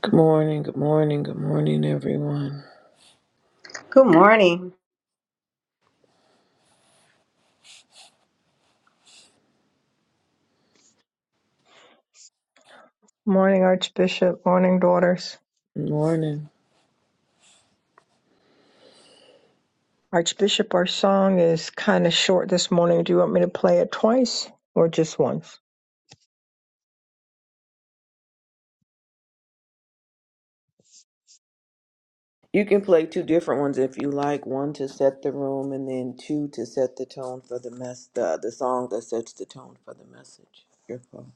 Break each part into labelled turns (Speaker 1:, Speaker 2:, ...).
Speaker 1: Good morning, good morning, good morning, everyone.
Speaker 2: Good morning.
Speaker 3: Morning, Archbishop. Morning, daughters.
Speaker 1: Good morning.
Speaker 3: Archbishop, our song is kind of short this morning. Do you want me to play it twice or just once?
Speaker 1: You can play two different ones if you like. One to set the room, and then two to set the tone for the mess. The, the song that sets the tone for the message. Your call.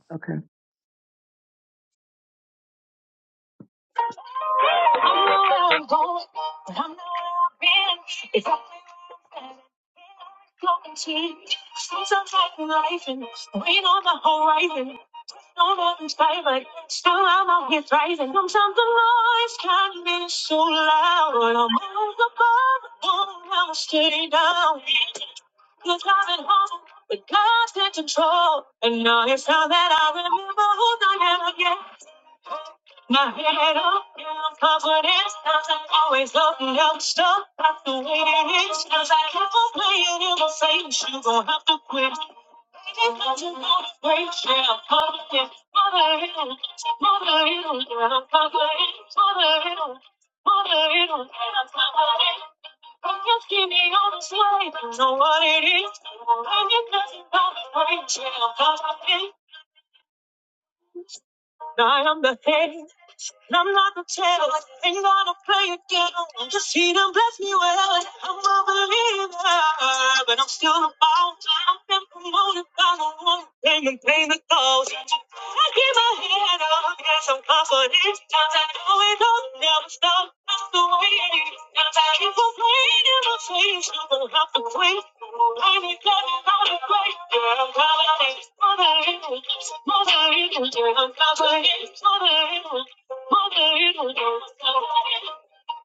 Speaker 3: Cause I've been home, but God's in control. And now it's how that I remember who I am again. My head up, down, confidence doesn't always look no stuck. That's the way it is. Cause I kept on playing in my face. You gon' have to quit. Baby, don't you wanna break? Yeah, I'm confident. Mother hill, mother hill, yeah, I'm confident. Mother hill, mother hill, yeah, I'm confident. I'm just giving you this life, I know what it is. I'm just nothing but a brain jail, but I think I am the head. And I'm not the tail, ain't gonna play a game. I'm just here to bless me well. I'm a believer, but I'm still a bouncer. I've been promoted by the one who came and paid the cost. I keep my head up, yes, I'm confident. Times I know it all, never stop. That's the way it is. Times I keep complaining, my face, I'm gonna have to quit. Ain't it glad I'm not a great girl? I'm confident, mother, mother, yeah, I'm confident, mother. Mother, it was your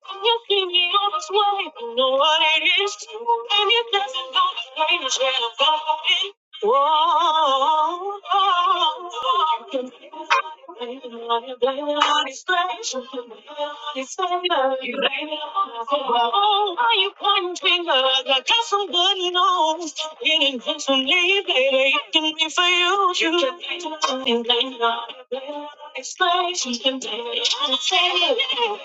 Speaker 3: I'm asking you this way. You know what it is to. And it doesn't go the way you should have gone. Whoa. oh, You can blame it on your- blame it on his grace. You can blame it on his favor. You blame it on his favor. Oh, why you pointing fingers? I got somebody knows. It ain't just for me, baby. It can be for you. You can blame it on him, blame it on him, blame it on his grace. You can blame it on his favor.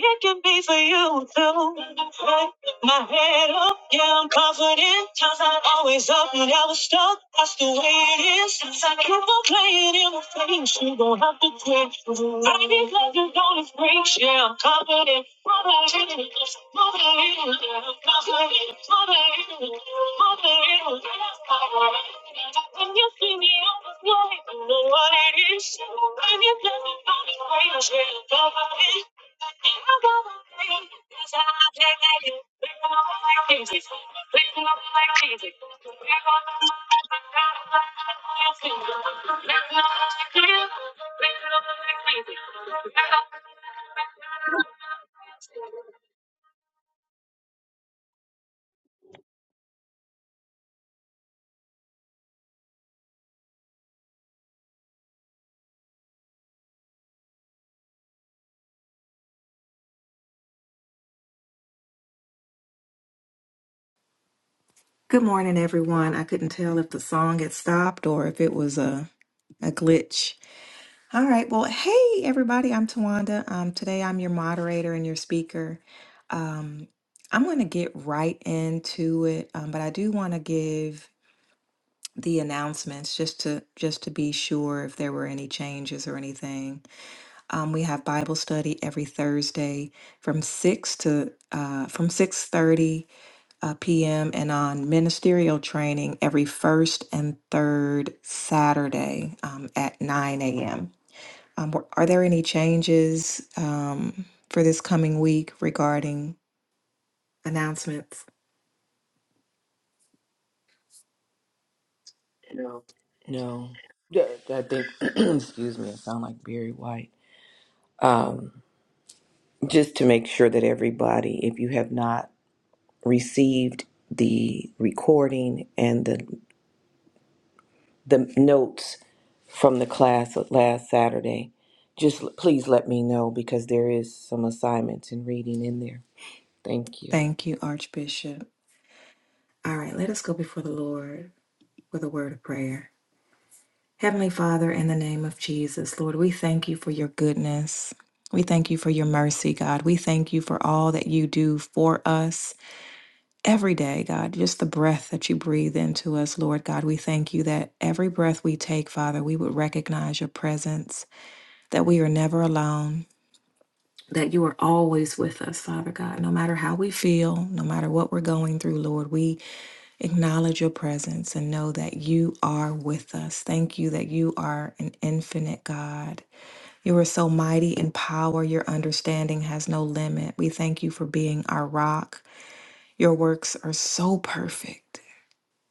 Speaker 3: It can be for you too. Like my head up, yeah, I'm confident. Times I'm always up, never stuck. That's the way it is. Since I keep on playing in the face, you gon' have to quit. I be like you don't break, yeah, I'm confident. When you see me on the floor, you know what it is. When you tell me something, I'm sure you know what it is.
Speaker 4: Good morning, everyone. I couldn't tell if the song had stopped or if it was a, a glitch. All right. Well, hey, everybody. I'm Tawanda. Um, today I'm your moderator and your speaker. Um, I'm going to get right into it, um, but I do want to give the announcements just to just to be sure if there were any changes or anything. Um, we have Bible study every Thursday from six to uh, from six thirty uh, p.m. and on ministerial training every first and third Saturday um, at 9 a.m. Um, were- are there any changes um, for this coming week regarding announcements? No.
Speaker 1: No, Yeah, I think. excuse me, I sound like Barry White. Um, just to make sure that everybody, if you have not received the recording and the the notes from the class of last Saturday, just l- please let me know because there is some assignments and reading in there. Thank you.
Speaker 4: Thank you, Archbishop. All right, let us go before the Lord with a word of prayer. Heavenly Father, in the name of Jesus, Lord, we thank you for your goodness. We thank you for your mercy, God. We thank you for all that you do for us. every day, God, just the breath that you breathe into us, Lord God. We thank you that every breath we take, Father, we would recognize your presence, that we are never alone, that you are always with us, Father God. No matter how we feel, no matter what we're going through, Lord, we acknowledge your presence and know that you are with us. Thank you that you are an infinite God. You are so mighty in power, your understanding has no limit. We thank you for being our rock. Your works are so perfect.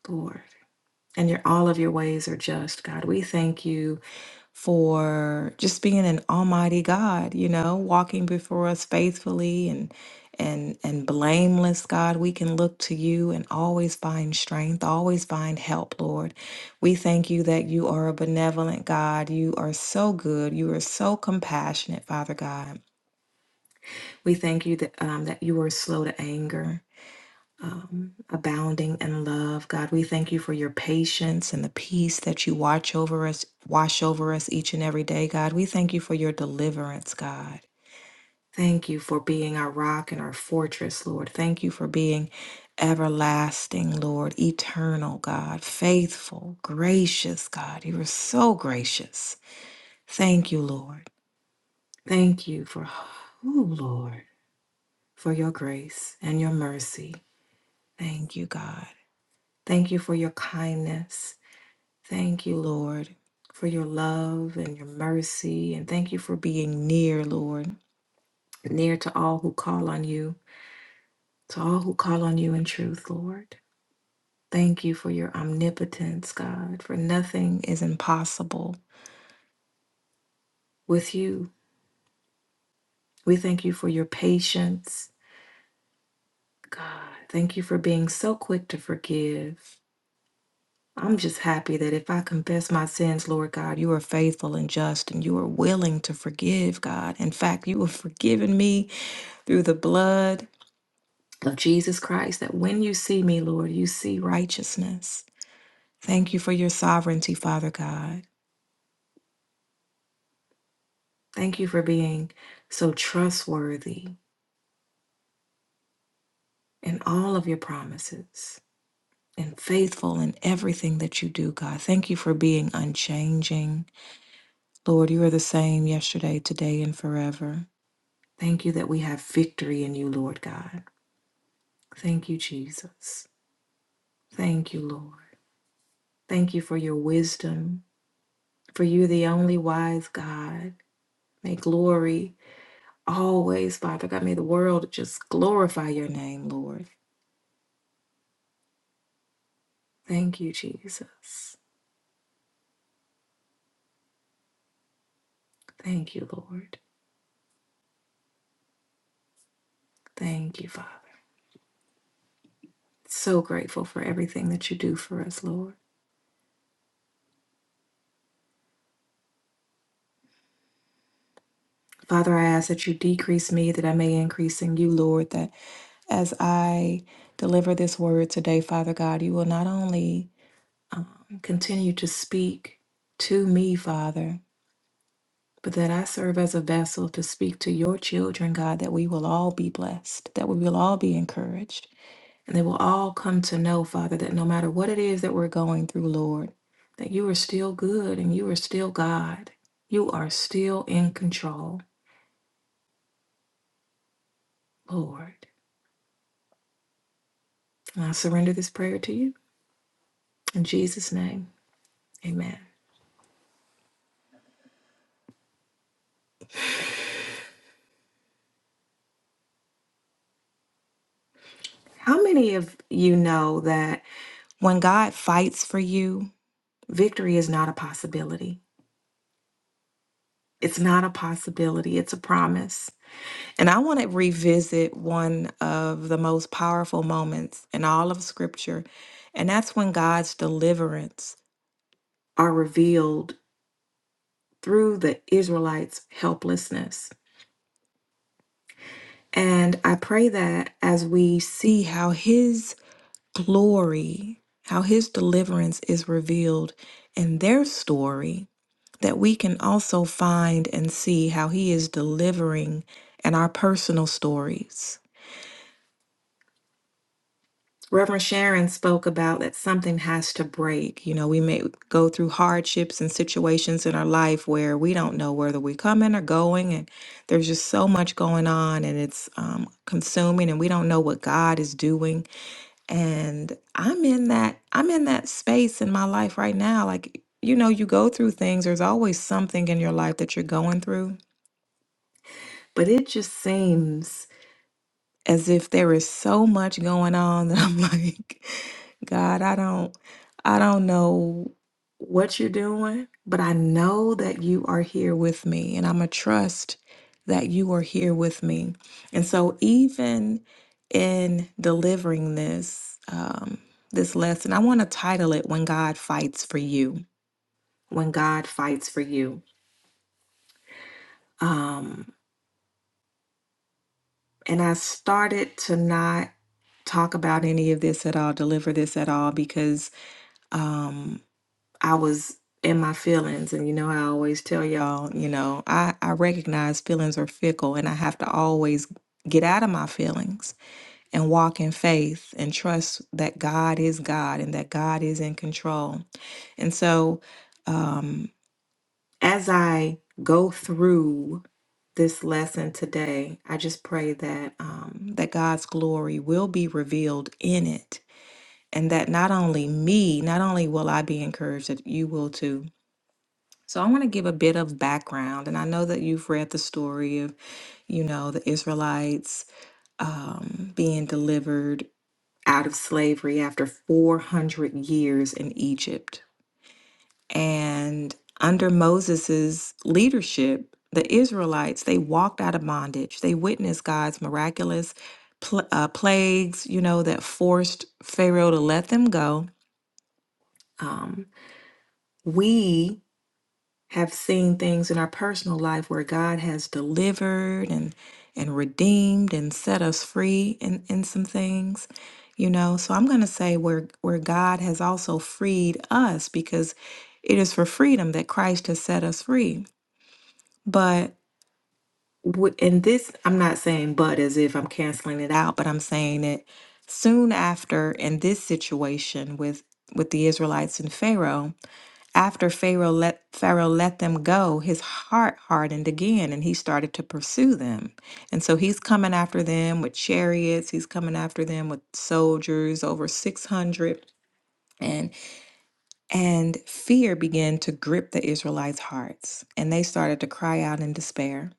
Speaker 4: Lord. And your all of your ways are just, God. We thank you for just being an almighty God, you know, walking before us faithfully and and and blameless, God. We can look to you and always find strength, always find help, Lord. We thank you that you are a benevolent God. You are so good. You are so compassionate, Father God. We thank you that um, that you are slow to anger um, abounding in love. God, we thank you for your patience and the peace that you watch over us, wash over us each and every day. God, we thank you for your deliverance, God. Thank you for being our rock and our fortress, Lord. Thank you for being everlasting, Lord, eternal, God, faithful, gracious, God. You are so gracious. Thank you, Lord. Thank you for, oh, Lord, for your grace and your mercy. Thank you, God. Thank you for your kindness. Thank you, Lord, for your love and your mercy. And thank you for being near, Lord, near to all who call on you, to all who call on you in truth, Lord. Thank you for your omnipotence, God, for nothing is impossible with you. We thank you for your patience, God. Thank you for being so quick to forgive I'm just happy that if I confess my sins, Lord God, you are faithful and just and you are willing to forgive, God. In fact, you have forgiven me through the blood of Jesus Christ, that when you see me, Lord, you see righteousness. Thank you for your sovereignty, Father God. Thank you for being so trustworthy in all of your promises and faithful in everything that you do, God. Thank you for being unchanging. Lord, you are the same yesterday, today, and forever. Thank you that we have victory in you, Lord God. Thank you, Jesus. Thank you, Lord. Thank you for your wisdom, for you, the only wise God. May glory always, Father God, may the world just glorify your name, Lord. Thank you, Jesus. Thank you, Lord. Thank you, Father. So grateful for everything that you do for us, Lord. Father, I ask that you decrease me that I may increase in you, Lord, that As I deliver this word today, Father God, you will not only continue to speak to me, Father, but that I serve as a vessel to speak to your children, God, that we will all be blessed, that we will all be encouraged, and they will all come to know, Father, that no matter what it is that we're going through, Lord, that you are still good and you are still God. You are still in control, Lord. And I surrender this prayer to you. In Jesus' name, amen. How many of you know that when God fights for you, victory is not a possibility? It's not a possibility, it's a promise. And I want to revisit one of the most powerful moments in all of Scripture, and that's when God's deliverance are revealed through the Israelites' helplessness. And I pray that as we see how His glory, how His deliverance is revealed in their story, that we can also find and see how He is delivering in our personal stories. Reverend Sharon spoke about that something has to break. You know, we may go through hardships and situations in our life where we don't know whether we're coming or going, and there's just so much going on and it's um, consuming, and we don't know what God is doing. And I'm in that I'm in that space in my life right now. Like, you know, you go through things. There's always something in your life that you're going through But it just seems as if there is so much going on that I'm like, God, I don't I don't know what you're doing, but I know that you are here with me and I'm a trust that you are here with me. And so even in delivering this um this lesson, I want to title it When God Fights for You. When God Fights for You. Um and I started to not talk about any of this at all, deliver this at all, because um, I was in my feelings. And you know, I always tell y'all, you know, I, I recognize feelings are fickle and I have to always get out of my feelings and walk in faith and trust that God is God and that God is in control. And so um, as I go through this lesson today, I just pray that um, that God's glory will be revealed in it and that not only me, not only will I be encouraged, that you will too. So I want to give a bit of background, and I know that you've read the story of you know the Israelites um, being delivered out of slavery after 400 years in Egypt, and under Moses's leadership. The Israelites, they walked out of bondage. They witnessed God's miraculous pl- uh, plagues, you know, that forced Pharaoh to let them go. Um, we have seen things in our personal life where God has delivered and and redeemed and set us free in, in some things, you know. So I'm gonna say where where God has also freed us because it is for freedom that Christ has set us free. But w- and this I'm not saying but as if I'm canceling it out, but I'm saying that soon after in this situation with with the Israelites and Pharaoh, after Pharaoh let, Pharaoh let them go, his heart hardened again and he started to pursue them. And so he's coming after them with chariots, he's coming after them with soldiers, over 600. And and fear began to grip the Israelites' hearts, and they started to cry out in despair.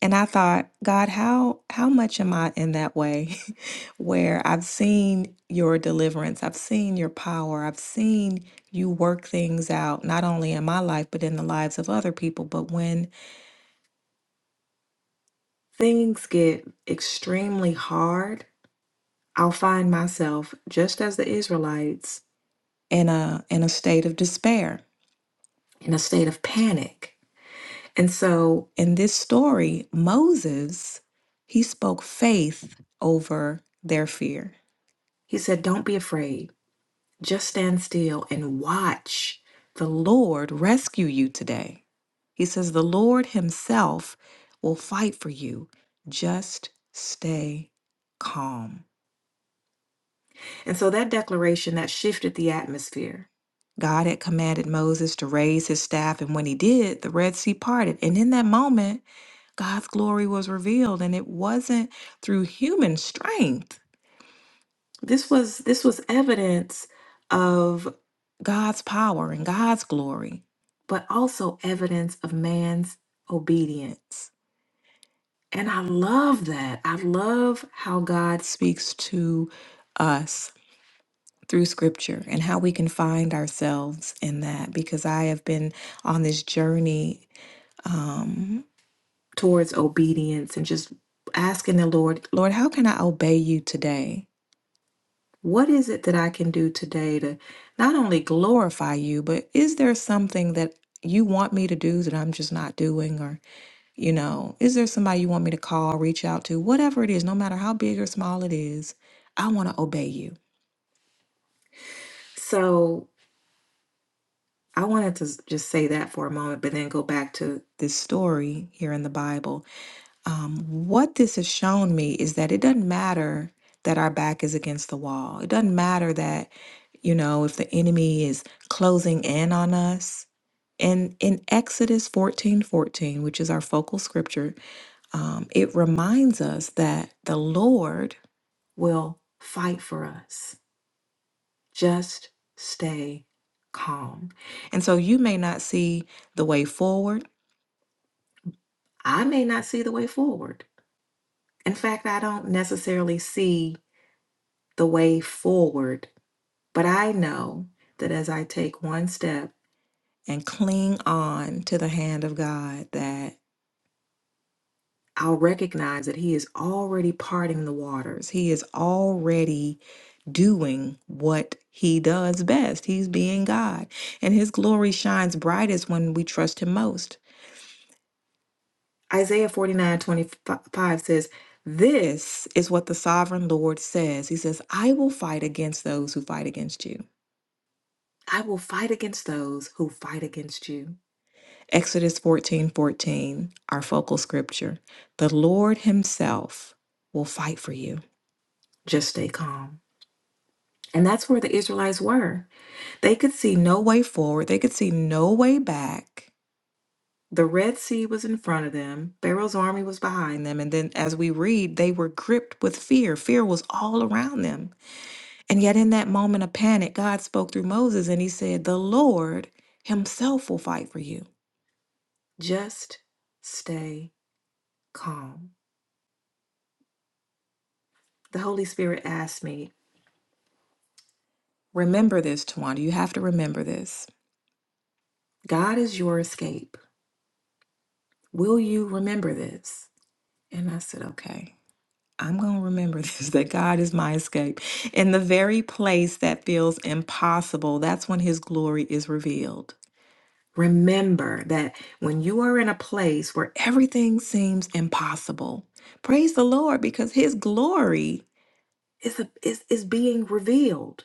Speaker 4: And I thought, God, how how much am I in that way where I've seen your deliverance, I've seen your power, I've seen you work things out not only in my life but in the lives of other people, but when things get extremely hard, I'll find myself just as the Israelites in a in a state of despair, in a state of panic. And so in this story, Moses, he spoke faith over their fear. He said, Don't be afraid, just stand still and watch the Lord rescue you today. He says, The Lord Himself will fight for you. Just stay calm. And so that declaration that shifted the atmosphere. God had commanded Moses to raise his staff, and when he did, the Red Sea parted. And in that moment, God's glory was revealed and it wasn't through human strength. This was this was evidence of God's power and God's glory, but also evidence of man's obedience. And I love that. I love how God speaks to us through scripture and how we can find ourselves in that because I have been on this journey um, towards obedience and just asking the Lord, Lord, how can I obey you today? What is it that I can do today to not only glorify you, but is there something that you want me to do that I'm just not doing? Or, you know, is there somebody you want me to call, reach out to? Whatever it is, no matter how big or small it is, I want to obey you. So I wanted to s- just say that for a moment, but then go back to this story here in the Bible um, what this has shown me is that it doesn't matter that our back is against the wall. It doesn't matter that, you know, if the enemy is closing in on us. And in Exodus 14 14, which is our focal scripture, um, it reminds us that the Lord will fight for us. Just stay calm. And so you may not see the way forward. I may not see the way forward. In fact, I don't necessarily see the way forward. But I know that as I take one step and cling on to the hand of God, that I'll recognize that He is already parting the waters. He is already doing what He does best. He's being God. And His glory shines brightest when we trust Him most. Isaiah 49 25 says, This is what the sovereign Lord says. He says, I will fight against those who fight against you. I will fight against those who fight against you. Exodus 14 14, our focal scripture. The Lord Himself will fight for you. Just stay calm. And that's where the Israelites were. They could see no way forward, they could see no way back. The Red Sea was in front of them, Pharaoh's army was behind them. And then, as we read, they were gripped with fear. Fear was all around them. And yet, in that moment of panic, God spoke through Moses and He said, The Lord Himself will fight for you. Just stay calm. The Holy Spirit asked me, Remember this, Tawanda. You have to remember this. God is your escape. Will you remember this? And I said, Okay, I'm going to remember this that God is my escape. In the very place that feels impossible, that's when His glory is revealed. Remember that when you are in a place where everything seems impossible, praise the Lord because His glory. is, a, is, is being revealed.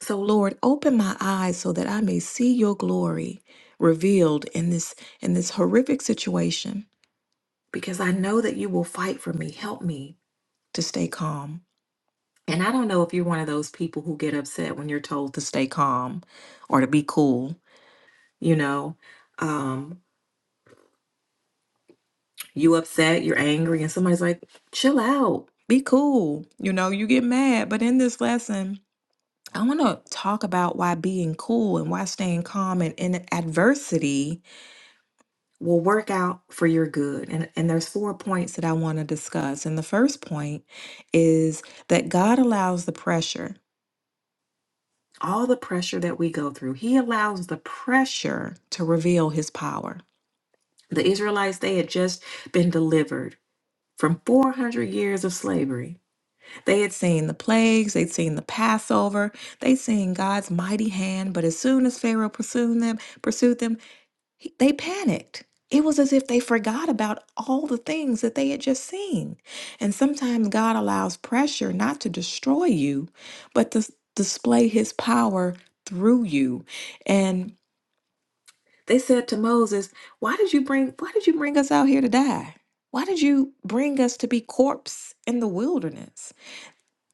Speaker 4: So, Lord, open my eyes so that I may see your glory revealed in this in this horrific situation because I know that you will fight for me. Help me to stay calm. And I don't know if you're one of those people who get upset when you're told to stay calm or to be cool, you know. Um, you upset, you're angry, and somebody's like, chill out, be cool. You know, you get mad. But in this lesson, I want to talk about why being cool and why staying calm and in adversity will work out for your good. And, and there's four points that I want to discuss. And the first point is that God allows the pressure, all the pressure that we go through, He allows the pressure to reveal His power. The Israelites, they had just been delivered from 400 years of slavery. They had seen the plagues, they'd seen the Passover, they'd seen God's mighty hand, but as soon as Pharaoh pursued them, pursued them, he- they panicked. It was as if they forgot about all the things that they had just seen. And sometimes God allows pressure not to destroy you, but to s- display his power through you. And they said to Moses, "Why did you bring why did you bring us out here to die? Why did you bring us to be corpse in the wilderness?"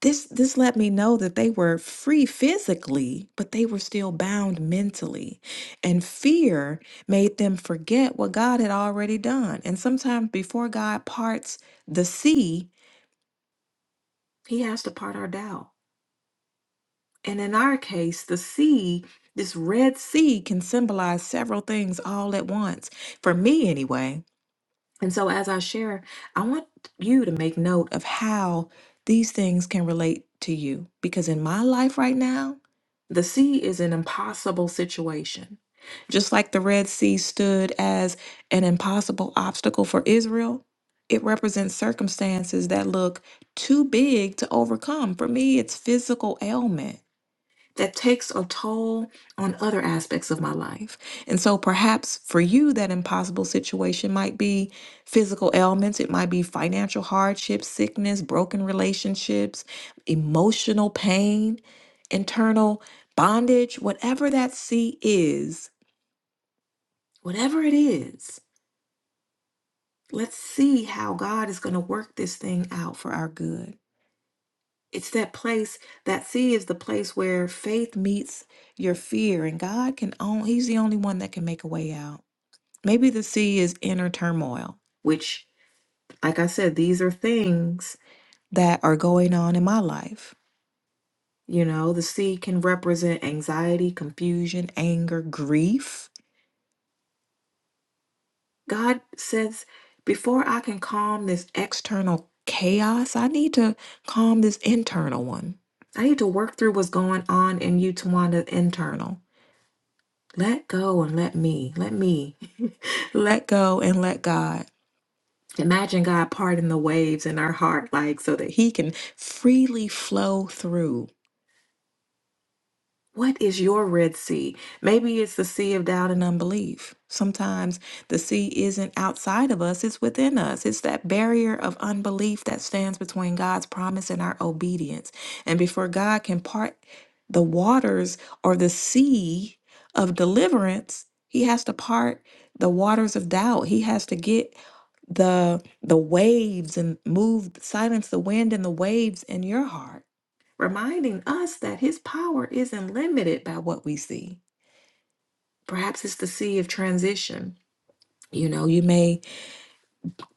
Speaker 4: This this let me know that they were free physically, but they were still bound mentally. And fear made them forget what God had already done. And sometimes before God parts the sea, he has to part our doubt. And in our case, the sea, this Red Sea can symbolize several things all at once. For me anyway, And so, as I share, I want you to make note of how these things can relate to you. Because in my life right now, the sea is an impossible situation. Just like the Red Sea stood as an impossible obstacle for Israel, it represents circumstances that look too big to overcome. For me, it's physical ailments that takes a toll on other aspects of my life. And so perhaps for you, that impossible situation might be physical ailments, it might be financial hardship, sickness, broken relationships, emotional pain, internal bondage, whatever that C is, whatever it is. Let's see how God is going to work this thing out for our good. it's that place that sea is the place where faith meets your fear and god can own he's the only one that can make a way out maybe the sea is inner turmoil which like i said these are things that are going on in my life you know the sea can represent anxiety confusion anger grief God says, before I can calm this external chaos, I need to calm this internal one. I need to work through what's going on in you, Tawanda, internal. Let go and let me, let me, let go and let God. Imagine God parting the waves in our heart, like so that He can freely flow through. What is your Red Sea? Maybe it's the sea of doubt and unbelief. Sometimes the sea isn't outside of us, it's within us. It's that barrier of unbelief that stands between God's promise and our obedience. And before God can part the waters or the sea of deliverance, he has to part the waters of doubt. He has to get the the waves and move silence the wind and the waves in your heart reminding us that his power isn't limited by what we see. Perhaps it's the sea of transition. You know, you may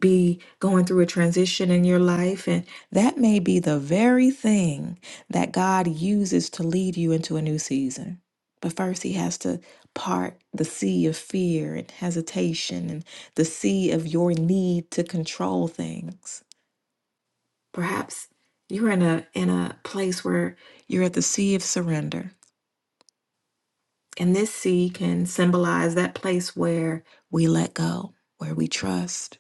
Speaker 4: be going through a transition in your life, and that may be the very thing that God uses to lead you into a new season. But first, he has to part the sea of fear and hesitation and the sea of your need to control things. Perhaps you're in a in a place where you're at the sea of surrender And this sea can symbolize that place where we let go, where we trust,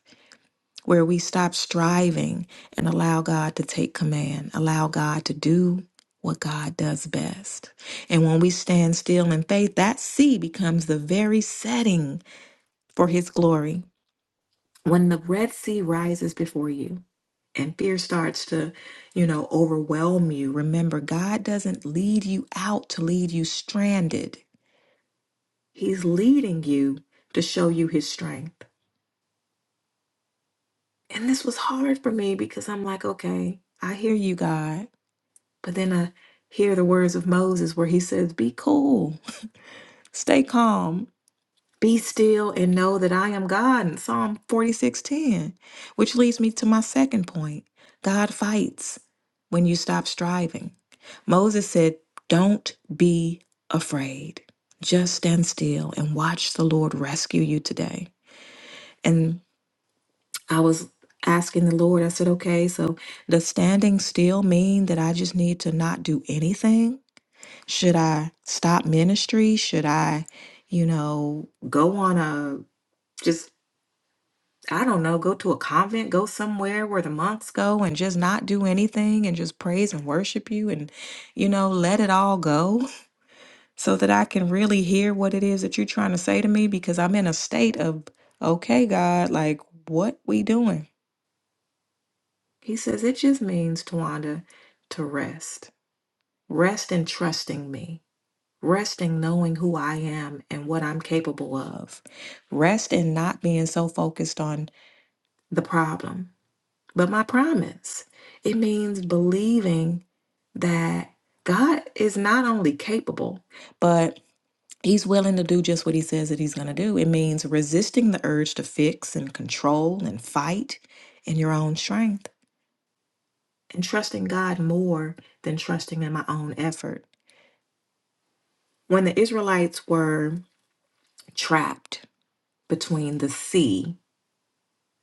Speaker 4: where we stop striving and allow God to take command, allow God to do what God does best. And when we stand still in faith, that sea becomes the very setting for His glory. When the Red Sea rises before you, and fear starts to, you know, overwhelm you. Remember, God doesn't lead you out to leave you stranded. He's leading you to show you his strength. And this was hard for me because I'm like, okay, I hear you, God. But then I hear the words of Moses where he says, be cool, stay calm, be still, and know that I am God in Psalm 46:10, which leads me to my second point. God fights when you stop striving. Moses said, Don't be afraid. Just stand still and watch the Lord rescue you today. and I was asking the Lord, I said, okay, so does standing still mean that I just need to not do anything? Should I stop ministry? Should I, you know, go on a just, I don't know, go to a convent, go somewhere where the monks go and just not do anything and just praise and worship you and, you know, let it all go so that I can really hear what it is that you're trying to say to me because I'm in a state of, okay, God, like, what we doing? He says it just means, Tawanda, to rest. Rest in trusting me. Rest in knowing who I am and what I'm capable of. Rest in not being so focused on the problem. But my promise, it means believing that God is not only capable, but He's willing to do just what He says that He's going to do. It means resisting the urge to fix and control and fight in your own strength. and trusting God more than trusting in my own effort. When the Israelites were trapped between the sea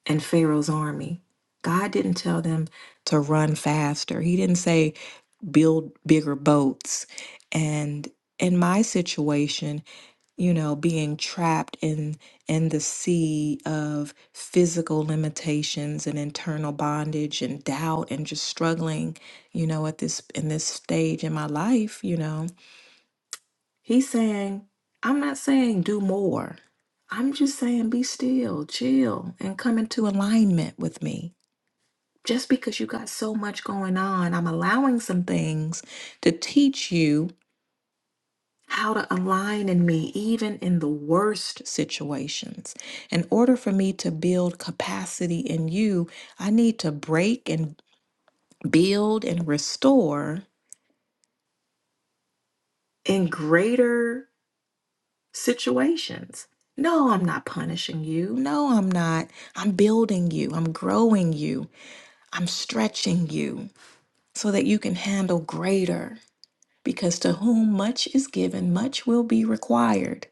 Speaker 4: and Pharaoh's army, God didn't tell them to run faster. He didn't say build bigger boats. And in my situation, you know being trapped in in the sea of physical limitations and internal bondage and doubt and just struggling you know at this in this stage in my life you know he's saying i'm not saying do more i'm just saying be still chill and come into alignment with me just because you got so much going on i'm allowing some things to teach you how to align in me, even in the worst situations. In order for me to build capacity in you, I need to break and build and restore in greater situations. No, I'm not punishing you. No, I'm not. I'm building you. I'm growing you. I'm stretching you so that you can handle greater. Because to whom much is given, much will be required.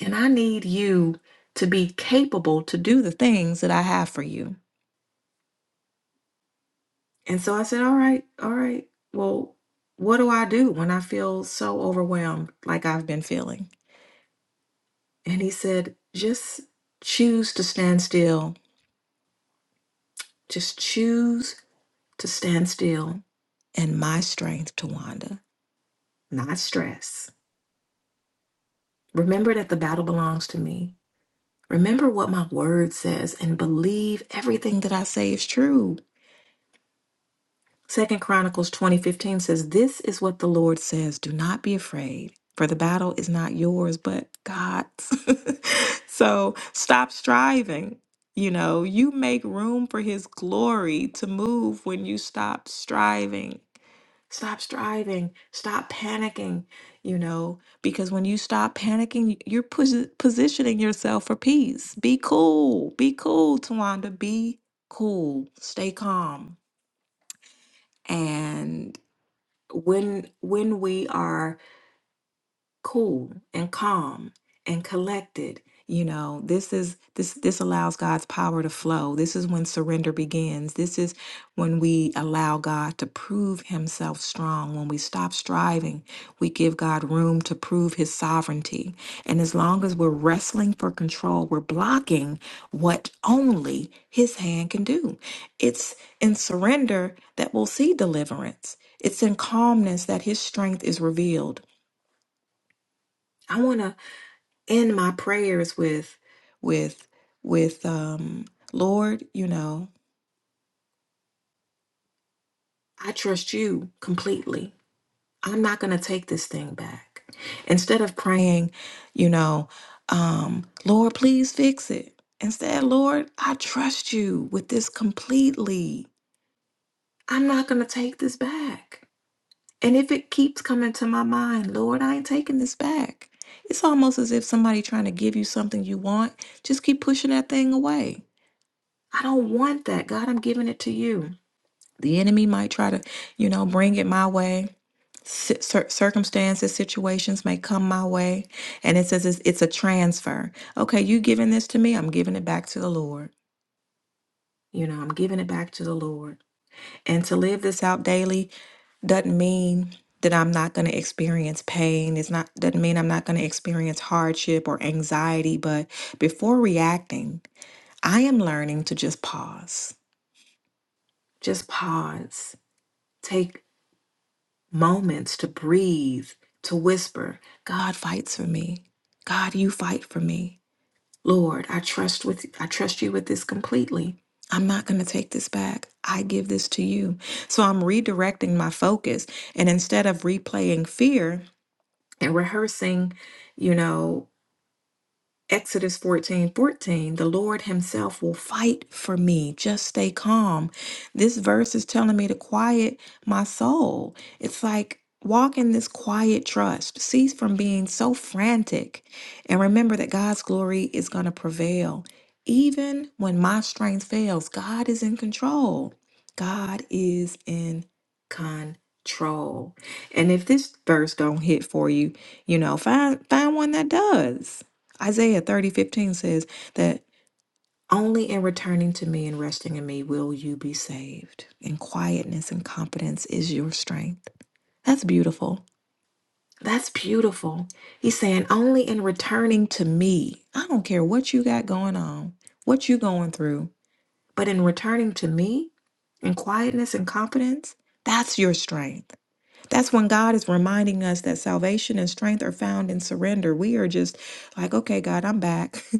Speaker 4: And I need you to be capable to do the things that I have for you. And so I said, All right, all right. Well, what do I do when I feel so overwhelmed like I've been feeling? And he said, Just choose to stand still. Just choose to stand still and my strength to Wanda, not stress. Remember that the battle belongs to me. Remember what my word says and believe everything that I say is true. Second Chronicles 20:15 says, "This is what the Lord says, do not be afraid, for the battle is not yours, but God's." so, stop striving. You know, you make room for his glory to move when you stop striving. Stop striving, stop panicking, you know, because when you stop panicking, you're posi- positioning yourself for peace. Be cool. Be cool, Tawanda. Be cool. Stay calm. And when when we are cool and calm and collected you know this is this this allows god's power to flow this is when surrender begins this is when we allow god to prove himself strong when we stop striving we give god room to prove his sovereignty and as long as we're wrestling for control we're blocking what only his hand can do it's in surrender that we'll see deliverance it's in calmness that his strength is revealed i want to in my prayers with with with um Lord, you know, I trust you completely. I'm not going to take this thing back. Instead of praying, you know, um, Lord, please fix it. Instead, Lord, I trust you with this completely. I'm not going to take this back. And if it keeps coming to my mind, Lord, I ain't taking this back. It's almost as if somebody trying to give you something you want, just keep pushing that thing away I don't want that. God, I'm giving it to you. The enemy might try to, you know, bring it my way. Ci- cir- circumstances, situations may come my way. And it says it's, it's a transfer. Okay, you giving this to me, I'm giving it back to the Lord. You know, I'm giving it back to the Lord. And to live this out daily doesn't mean that I'm not going to experience pain. It's not doesn't mean I'm not going to experience hardship or anxiety, but before reacting, I am learning to just pause. Just pause Take moments to breathe, to whisper, God fights for me. God, you fight for me. Lord, I trust with I trust you with this completely. I'm not going to take this back. I give this to you. So I'm redirecting my focus and instead of replaying fear and rehearsing, you know, Exodus 14 14. the Lord Himself will fight for me. Just stay calm. This verse is telling me to quiet my soul. It's like walk in this quiet trust, cease from being so frantic, and remember that God's glory is going to prevail. Even when my strength fails, God is in control. God is in control. And if this verse don't hit for you, you know, find find one that does. Isaiah thirty fifteen says that only in returning to me and resting in me will you be saved. And quietness and confidence is your strength. That's beautiful. That's beautiful. He's saying only in returning to me. I don't care what you got going on, what you going through, but in returning to me and quietness and confidence, that's your strength. That's when God is reminding us that salvation and strength are found in surrender. We are just like, okay, God, I'm back.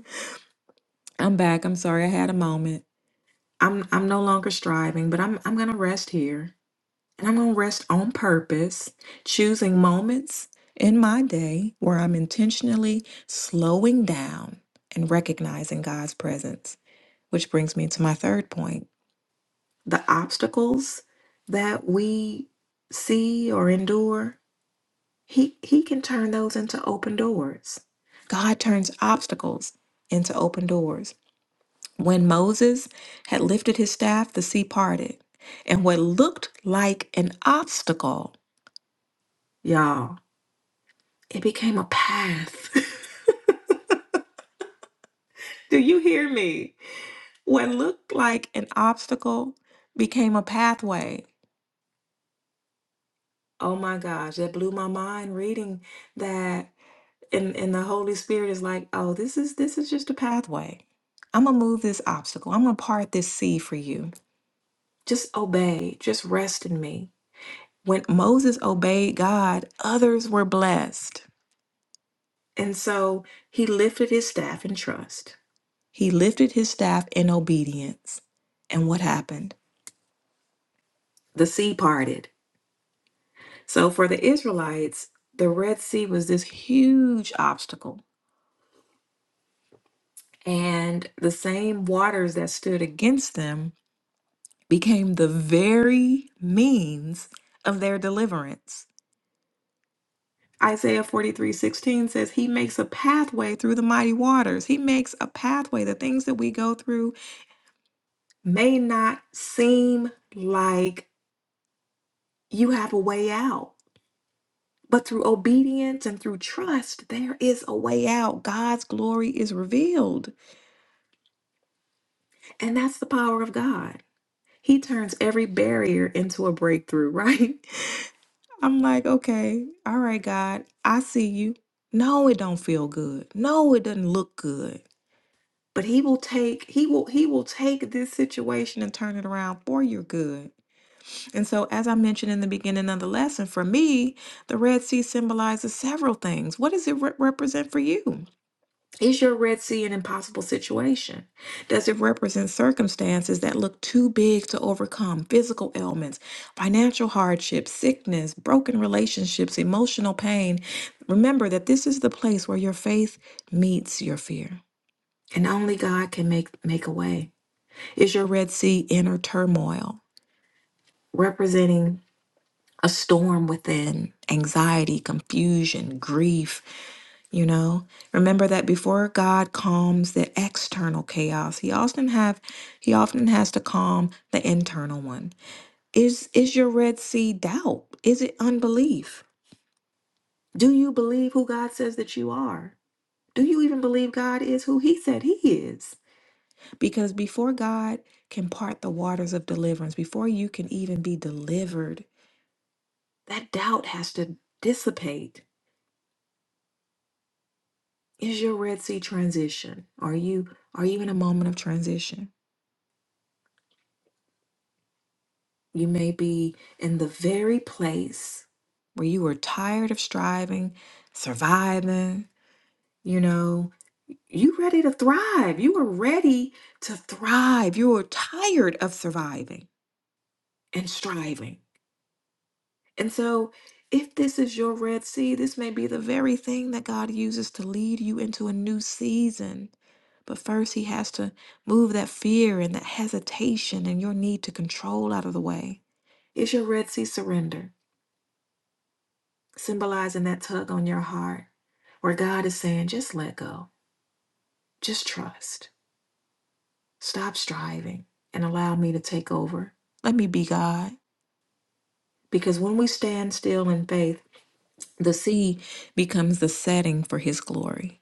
Speaker 4: I'm back. I'm sorry I had a moment. I'm I'm no longer striving, but I'm I'm going to rest here. And I'm going to rest on purpose, choosing moments in my day where I'm intentionally slowing down and recognizing God's presence. Which brings me to my third point. The obstacles that we see or endure, he he can turn those into open doors. God turns obstacles into open doors. When Moses had lifted his staff, the sea parted, and what looked like an obstacle, y'all, it became a path. Do you hear me? What looked like an obstacle became a pathway. Oh my gosh, that blew my mind reading that. And, and the Holy Spirit is like, oh, this is this is just a pathway. I'm gonna move this obstacle. I'm gonna part this sea for you. Just obey. Just rest in me. when Moses obeyed God, others were blessed. And so he lifted his staff in trust. He lifted his staff in obedience. And what happened? The sea parted. So for the Israelites, the Red Sea was this huge obstacle. And the same waters that stood against them became the very means of their deliverance. Isaiah 43 16 says, He makes a pathway through the mighty waters. He makes a pathway. The things that we go through may not seem like you have a way out, but through obedience and through trust, there is a way out. God's glory is revealed. And that's the power of God. He turns every barrier into a breakthrough, right? I'm like, okay, all right, God, I see you. No, it don't feel good. No, it doesn't look good. but he will take he will he will take this situation and turn it around for your good and so as i mentioned in the beginning of the lesson for me the red sea symbolizes several things what does it re- represent for you is your red sea an impossible situation does it represent circumstances that look too big to overcome physical ailments financial hardships sickness broken relationships emotional pain remember that this is the place where your faith meets your fear and only God can make make a way. Is your Red Sea inner turmoil representing a storm within anxiety, confusion, grief, you know? Remember that before God calms the external chaos, he often have he often has to calm the internal one. Is is your Red Sea doubt? Is it unbelief? Do you believe who God says that you are? Do you even believe God is who he said he is? Because before God can part the waters of deliverance, before you can even be delivered, that doubt has to dissipate. Is your Red Sea transition? Are you are you in a moment of transition? You may be in the very place where you were tired of striving, surviving, you know, you ready to thrive. You were ready to thrive. You were tired of surviving and striving And so, if this is your Red Sea, this may be the very thing that God uses to lead you into a new season. But first, He has to move that fear and that hesitation and your need to control out of the way. It's your Red Sea surrender, symbolizing that tug on your heart, where God is saying, just let go, just trust, stop striving, and allow me to take over. Let me be God. Because when we stand still in faith, The sea becomes the setting for his glory.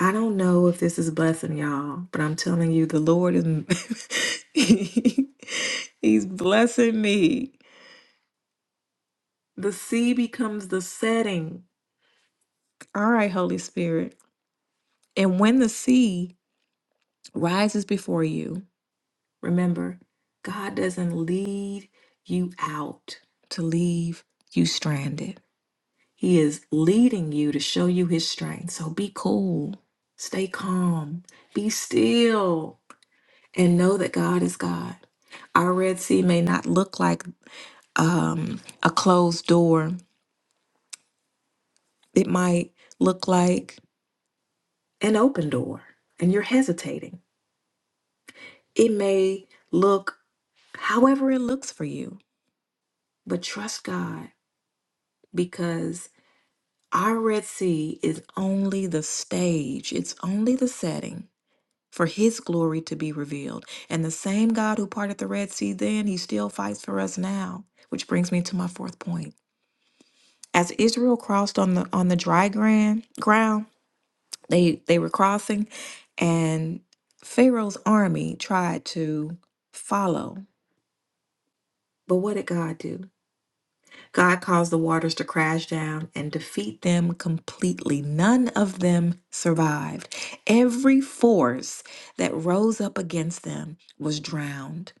Speaker 4: I don't know if this is blessing y'all, but I'm telling you, the Lord is he- He's blessing me. The sea becomes the setting. All right, Holy Spirit. And when the sea rises before you, remember, God doesn't lead you out to leave you stranded. He is leading you to show you his strength. So be cool, stay calm, be still, and know that God is God. Our Red Sea may not look like um, a closed door, it might look like an open door, and you're hesitating. It may look however it looks for you, but trust God because our Red Sea is only the stage, it's only the setting for his glory to be revealed. And the same God who parted the Red Sea then, he still fights for us now, which brings me to my fourth point. As Israel crossed on the on the dry ground, ground, they they were crossing and Pharaoh's army tried to follow. But what did God do? God caused the waters to crash down and defeat them completely. None of them survived. Every force that rose up against them was drowned.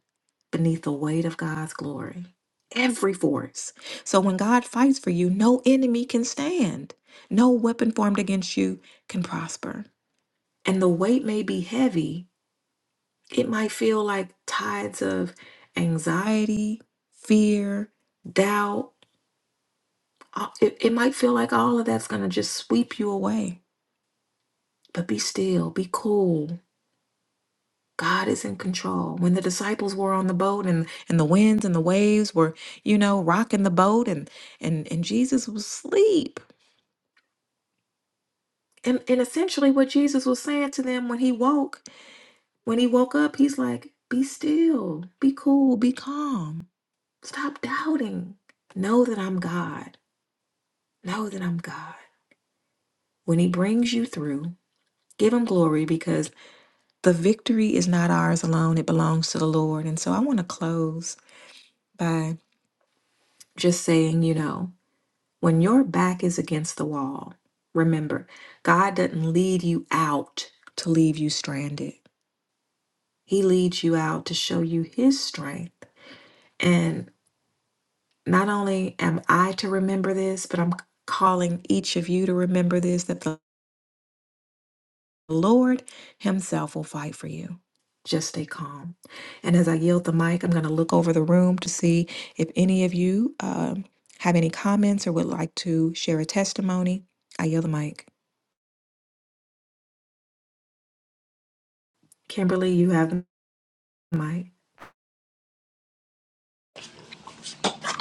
Speaker 4: beneath the weight of God's glory. Every force. So when God fights for you, no enemy can stand. No weapon formed against you can prosper. And the weight may be heavy. It might feel like tides of anxiety, fear, doubt. Uh, It, it might feel like all of that's going to just sweep you away. But be still, be cool, God is in control. When the disciples were on the boat and, and the winds and the waves were, you know, rocking the boat and and and Jesus was asleep. And and essentially what Jesus was saying to them when he woke, when he woke up, he's like, be still, be cool, be calm. Stop doubting. Know that I'm God. Know that I'm God. When he brings you through, give him glory because the victory is not ours alone. It belongs to the Lord. And so I want to close by just saying, you know. When your back is against the wall, remember, God doesn't lead you out to leave you stranded. He leads you out to show you His strength. And not only am I to remember this, but I'm calling each of you to remember this that the Lord Himself will fight for you. Just stay calm. And as I yield the mic, I'm going to look over the room to see if any of you um, have any comments or would like to share a testimony. I yield the mic. Kimberly, you have the mic.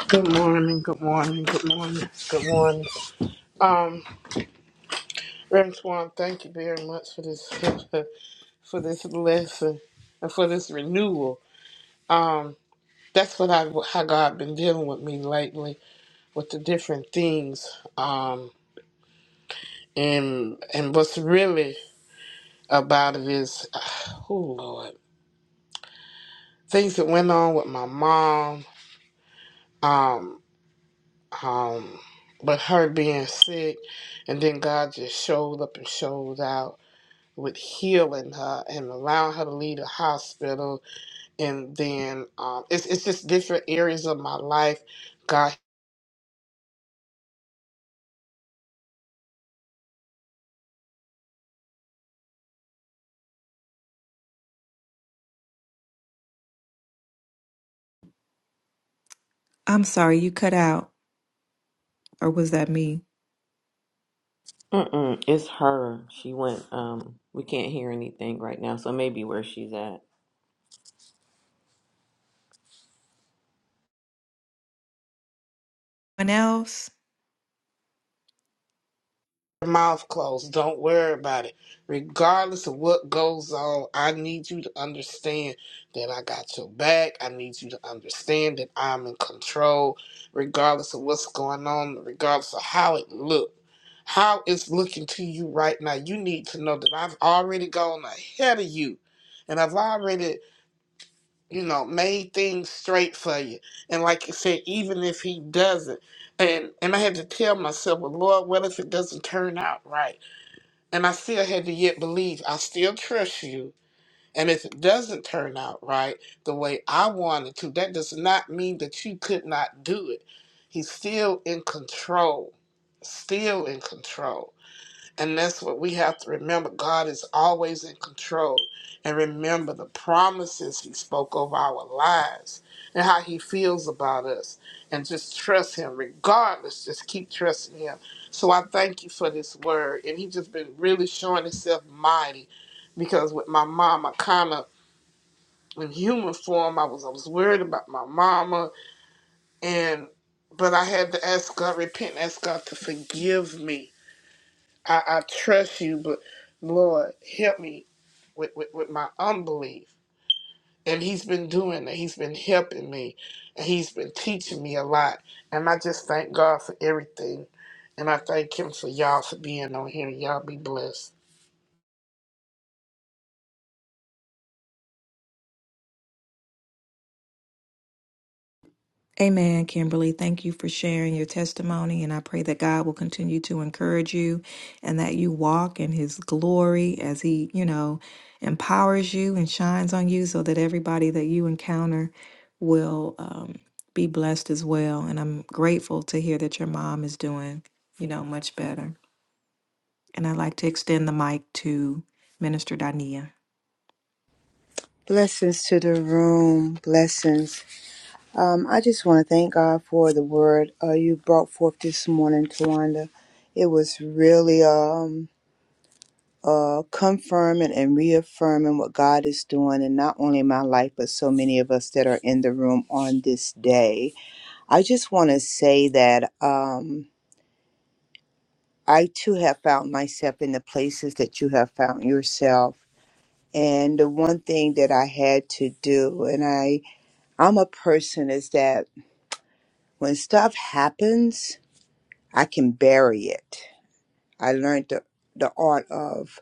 Speaker 5: Good morning, good morning, good morning, good morning. Um, Reverend Swan, thank you very much for this for this lesson and for this renewal. Um, that's what I how God been dealing with me lately with the different things. Um, and and what's really about it is, oh Lord, things that went on with my mom. Um, um, but her being sick, and then God just showed up and showed out with healing her and allowing her to leave the hospital. And then um, it's, it's just different areas of my life. God,
Speaker 4: I'm sorry, you cut out, or was that me?
Speaker 1: Mm-mm, it's her. She went. Um, we can't hear anything right now, so maybe where she's at.
Speaker 4: Anyone else?
Speaker 5: your mouth closed. Don't worry about it. Regardless of what goes on, I need you to understand that I got your back. I need you to understand that I'm in control, regardless of what's going on, regardless of how it looks. How it's looking to you right now, you need to know that I've already gone ahead of you and I've already you know, made things straight for you. And like you said, even if he doesn't, and and I had to tell myself, well, Lord, what if it doesn't turn out right? And I still had to yet believe. I still trust you. And if it doesn't turn out right the way I wanted to, that does not mean that you could not do it. He's still in control. Still in control. And that's what we have to remember. God is always in control. And remember the promises He spoke over our lives and how He feels about us. And just trust Him regardless. Just keep trusting Him. So I thank you for this word. And He just been really showing Himself mighty because with my mom, I kind of, in human form, I was, I was worried about my mama. And, but I had to ask God, repent, and ask God to forgive me I, I trust you, but Lord, help me with, with, with my unbelief. And he's been doing that. He's been helping me. And he's been teaching me a lot. And I just thank God for everything. And I thank him for y'all for being on here. Y'all be blessed.
Speaker 4: Amen, Kimberly. Thank you for sharing your testimony, and I pray that God will continue to encourage you and that you walk in His glory as He, you know, empowers you and shines on you so that everybody that you encounter will um, be blessed as well. And I'm grateful to hear that your mom is doing, you know, much better. And I'd like to extend the mic to Minister Dania.
Speaker 6: Blessings to the room. Blessings. Um, I just want to thank God for the word uh, you brought forth this morning, Tawanda. It was really um, uh, confirming and reaffirming what God is doing, and not only in my life, but so many of us that are in the room on this day. I just want to say that um, I too have found myself in the places that you have found yourself. And the one thing that I had to do, and I I'm a person is that when stuff happens, I can bury it. I learned the, the art of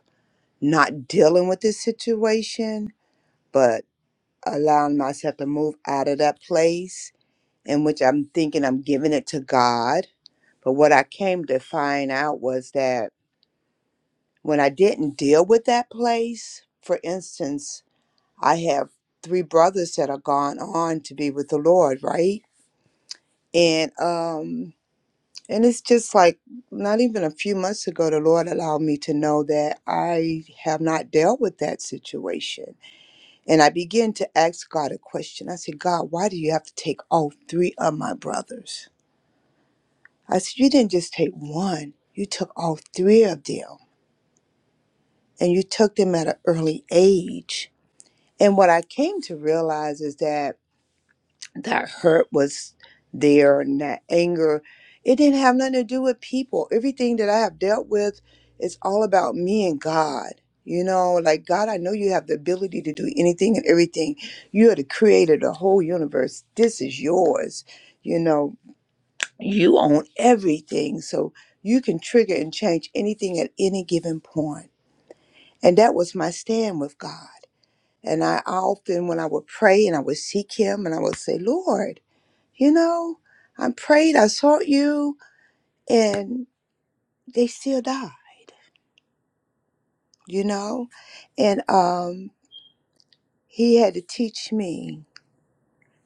Speaker 6: not dealing with the situation, but allowing myself to move out of that place in which I'm thinking I'm giving it to God. But what I came to find out was that when I didn't deal with that place, for instance, I have three brothers that are gone on to be with the Lord, right? And um And it's just like not even a few months ago, the Lord allowed me to know that I have not dealt with that situation. And I began to ask God a question. I said, God, why do you have to take all three of my brothers? I said, You didn't just take one, you took all three of them, and you took them at an early age. And what I came to realize is that that hurt was there and that anger. It didn't have nothing to do with people. Everything that I have dealt with is all about me and God. You know, like God, I know you have the ability to do anything and everything. You are the creator of the whole universe. This is yours. You know, you own everything. So you can trigger and change anything at any given point. And that was my stand with God. And I often, when I would pray and I would seek Him and I would say, Lord, you know, I prayed, I sought you, and they still died, you know? And um, he had to teach me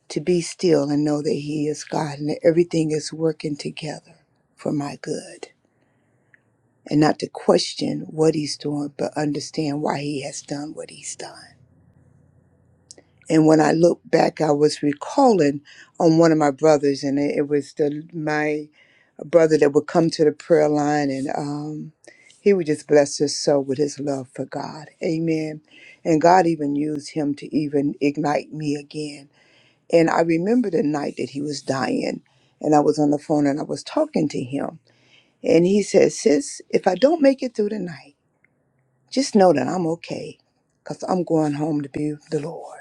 Speaker 6: to be still and know that he is God and that everything is working together for my good. And not to question what he's doing, but understand why he has done what he's done. And when I look back, I was recalling on one of my brothers, and it, it was the my brother that would come to the prayer line, and um, he would just bless his soul with his love for God. Amen. And God even used him to even ignite me again. And I remember the night that he was dying, and I was on the phone and I was talking to him, and he said, "Sis, if I don't make it through the night, just know that I'm okay, cause I'm going home to be with the Lord."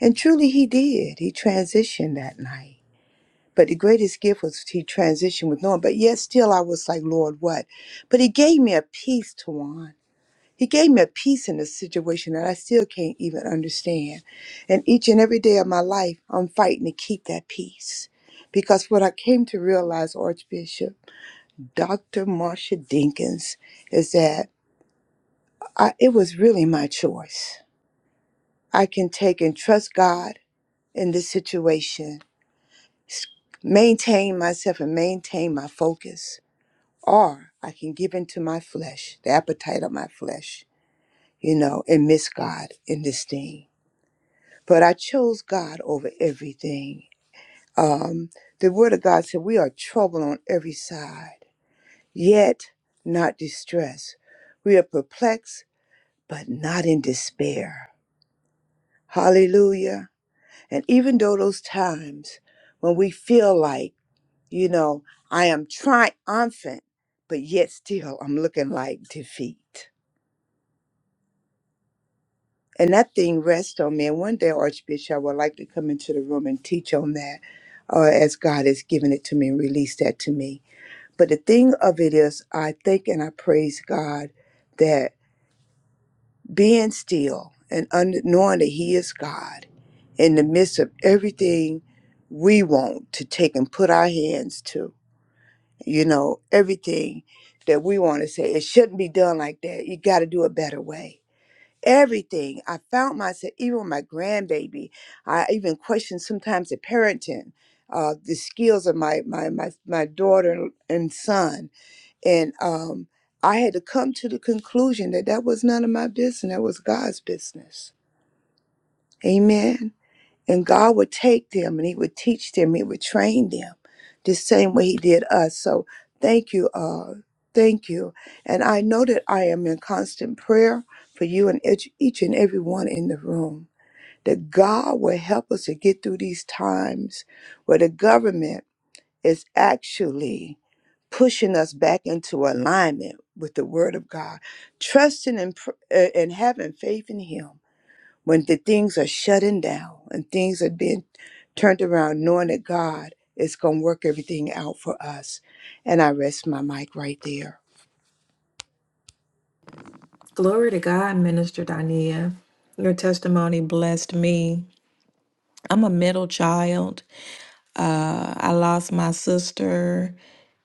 Speaker 6: And truly he did. He transitioned that night. But the greatest gift was he transitioned with Norm. But yet still I was like, Lord, what? But he gave me a peace, Tawan. He gave me a peace in a situation that I still can't even understand. And each and every day of my life, I'm fighting to keep that peace. Because what I came to realize, Archbishop Dr. Marsha Dinkins, is that I, it was really my choice. I can take and trust God in this situation s- maintain myself and maintain my focus, or I can give into my flesh, the appetite of my flesh, you know, and miss God in this thing. But I chose God over everything. Um, the Word of God said, We are troubled on every side, yet not distressed. We are perplexed, but not in despair. Hallelujah. And even though those times when we feel like You know, I am triumphant, but yet still I'm looking like defeat. And that thing rests on me. And one day, Archbishop, I would like to come into the room and teach on that uh, as God has given it to me and released that to me. But the thing of it is, I think and I praise God that being still and under, knowing that He is God in the midst of everything we want to take and put our hands to, you know everything that we want to say it shouldn't be done like that you got to do a better way everything i found myself even with my grandbaby i even questioned sometimes the parenting uh, the skills of my my my, my daughter and son and um i had to come to the conclusion that that was none of my business that was god's business amen and God would take them and He would teach them, He would train them the same way He did us. So thank you, uh, thank you. And I know that I am in constant prayer for you and each, each and every one in the room. That God will help us to get through these times where the government is actually pushing us back into alignment with the Word of God, trusting and, pr- uh, and having faith in Him when the things are shutting down and things are being turned around, knowing that God is going to work everything out for us. And I rest my mic right there.
Speaker 4: Glory to God, Minister Dania. Your testimony blessed me. I'm a middle child. Uh, I lost my sister,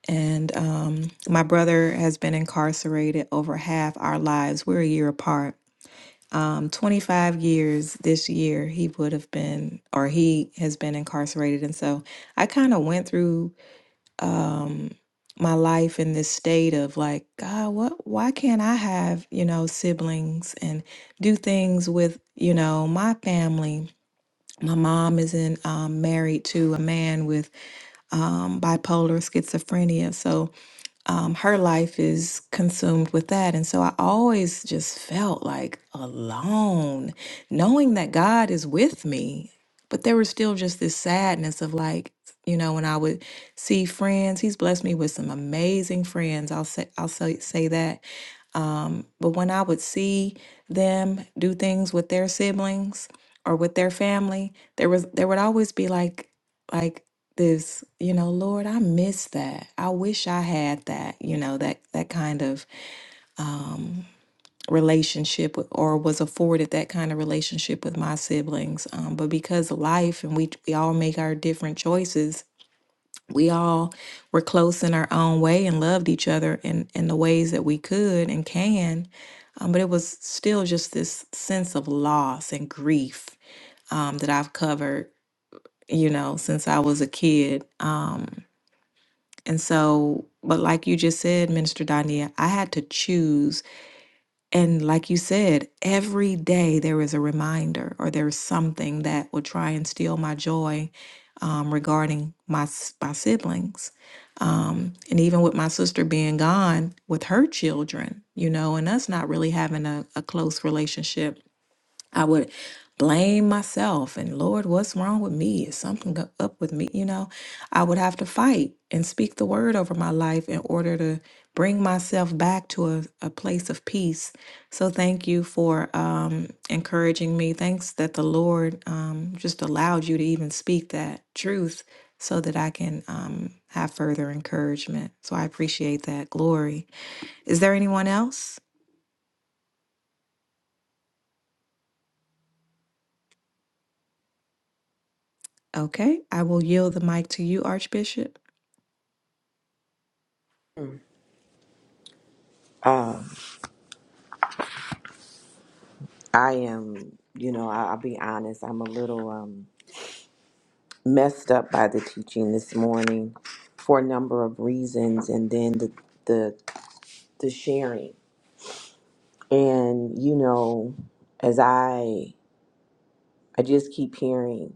Speaker 4: and um, my brother has been incarcerated over half our lives. We're a year apart. Um, 25 years this year, he would have been, or he has been incarcerated. And so I kind of went through um, my life in this state of like, God, what why can't I have, you know, siblings and do things with, you know, my family? My mom isn't um, married to a man with um, bipolar schizophrenia. So um, her life is consumed with that. And so I always just felt like alone, knowing that God is with me. But there was still just this sadness of like, you know, when I would see friends, he's blessed me with some amazing friends. I'll say, I'll say, say that um, but when I would see them do things with their siblings or with their family, there was there would always be like like this, you know, Lord, I miss that. I wish I had that, you know, that that kind of um, relationship with, or was afforded that kind of relationship with my siblings. Um, but because of life and we we all make our different choices, we all were close in our own way and loved each other in, in the ways that we could and can. Um, but it was still just this sense of loss and grief um, that I've covered, you know, since I was a kid. Um, and so, but like you just said, Minister Dania, I had to choose and like you said, every day there is a reminder or there's something that will try and steal my joy um, regarding my, s- my siblings. Um, and even with my sister being gone with her children, you know, and us not really having a, a close relationship I would blame myself and Lord, what's wrong with me? Is something go- up with me? You know, I would have to fight and speak the word over my life in order to bring myself back to a, a place of peace. So thank you for um, encouraging me. Thanks that the Lord um, just allowed you to even speak that truth so that I can um, have further encouragement. So I appreciate that. Glory. Is there anyone else? Okay, I will yield the mic to you, Archbishop.
Speaker 1: I am. You know, I, I'll be honest. I'm a little um messed up by the teaching this morning for a number of reasons, and then the the the sharing. And you know, as I I just keep hearing.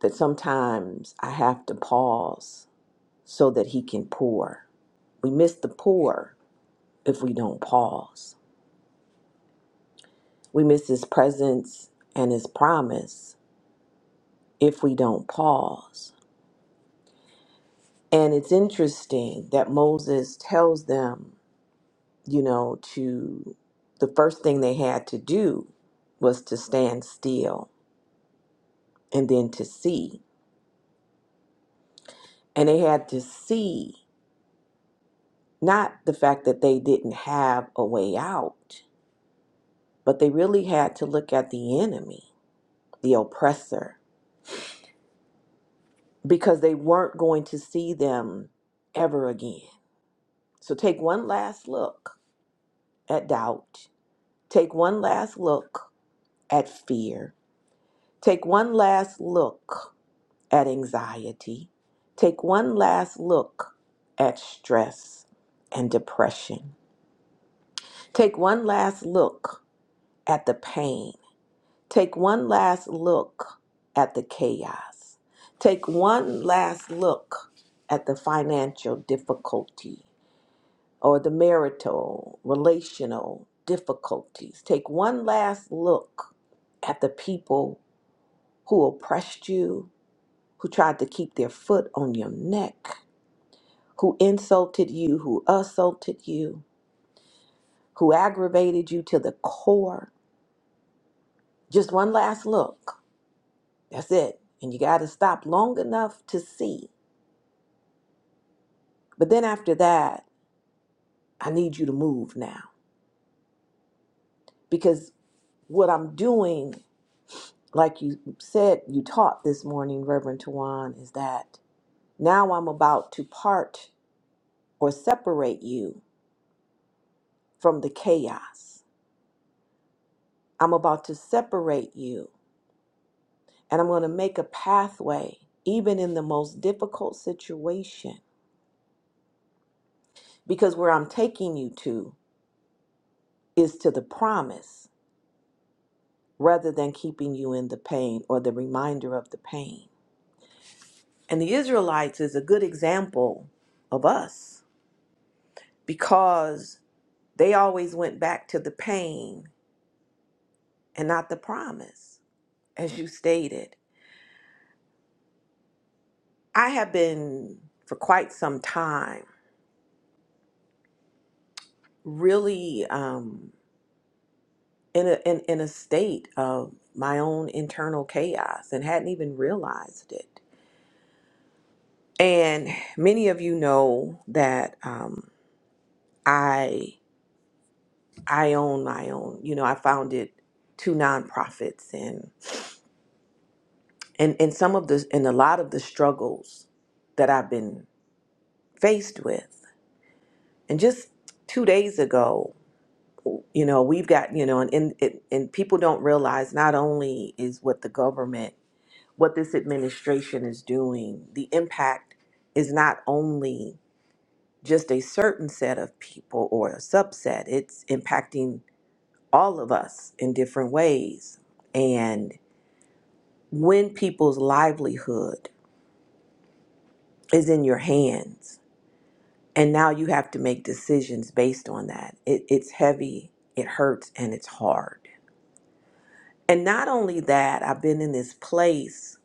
Speaker 1: that sometimes I have to pause so that He can pour. We miss the pour if we don't pause. We miss His presence and His promise if we don't pause. And it's interesting that Moses tells them, you know, to the first thing they had to do was to stand still and then to see. And they had to see not the fact that they didn't have a way out, But they really had to look at the enemy, the oppressor, because they weren't going to see them ever again. So take one last look at doubt, take one last look at fear, take one last look at anxiety, take one last look at stress and depression, take one last look at the pain Take one last look at the chaos. Take one last look at the financial difficulty or the marital, relational difficulties. Take one last look at the people who oppressed you, who tried to keep their foot on your neck, who insulted you, who assaulted you, who aggravated you to the core. Just one last look That's it. And you got to stop long enough to see. But then after that, I need you to move now. Because what I'm doing, like you said, you taught this morning, Reverend Tawan, is that now I'm about to part or separate you from the chaos. I'm about to separate you, and I'm going to make a pathway, even in the most difficult situation, because where I'm taking you to is to the promise rather than keeping you in the pain or the reminder of the pain. And the Israelites is a good example of us because they always went back to the pain and not the promise, as you stated. I have been for quite some time really um, in, a, in, in a state of my own internal chaos and hadn't even realized it. And many of you know that um, I I own my own. You know, I founded two nonprofits, and and and some of the and a lot of the struggles that I've been faced with. And just two days ago, you know, we've got you know, and and, it- and people don't realize not only is what the government, what this administration is doing, the impact is not only just a certain set of people or a subset. It's impacting all of us in different ways. and. when people's livelihood is in your hands and now you have to make decisions based on that it, it's heavy it hurts and it's hard and not only that i've been in this place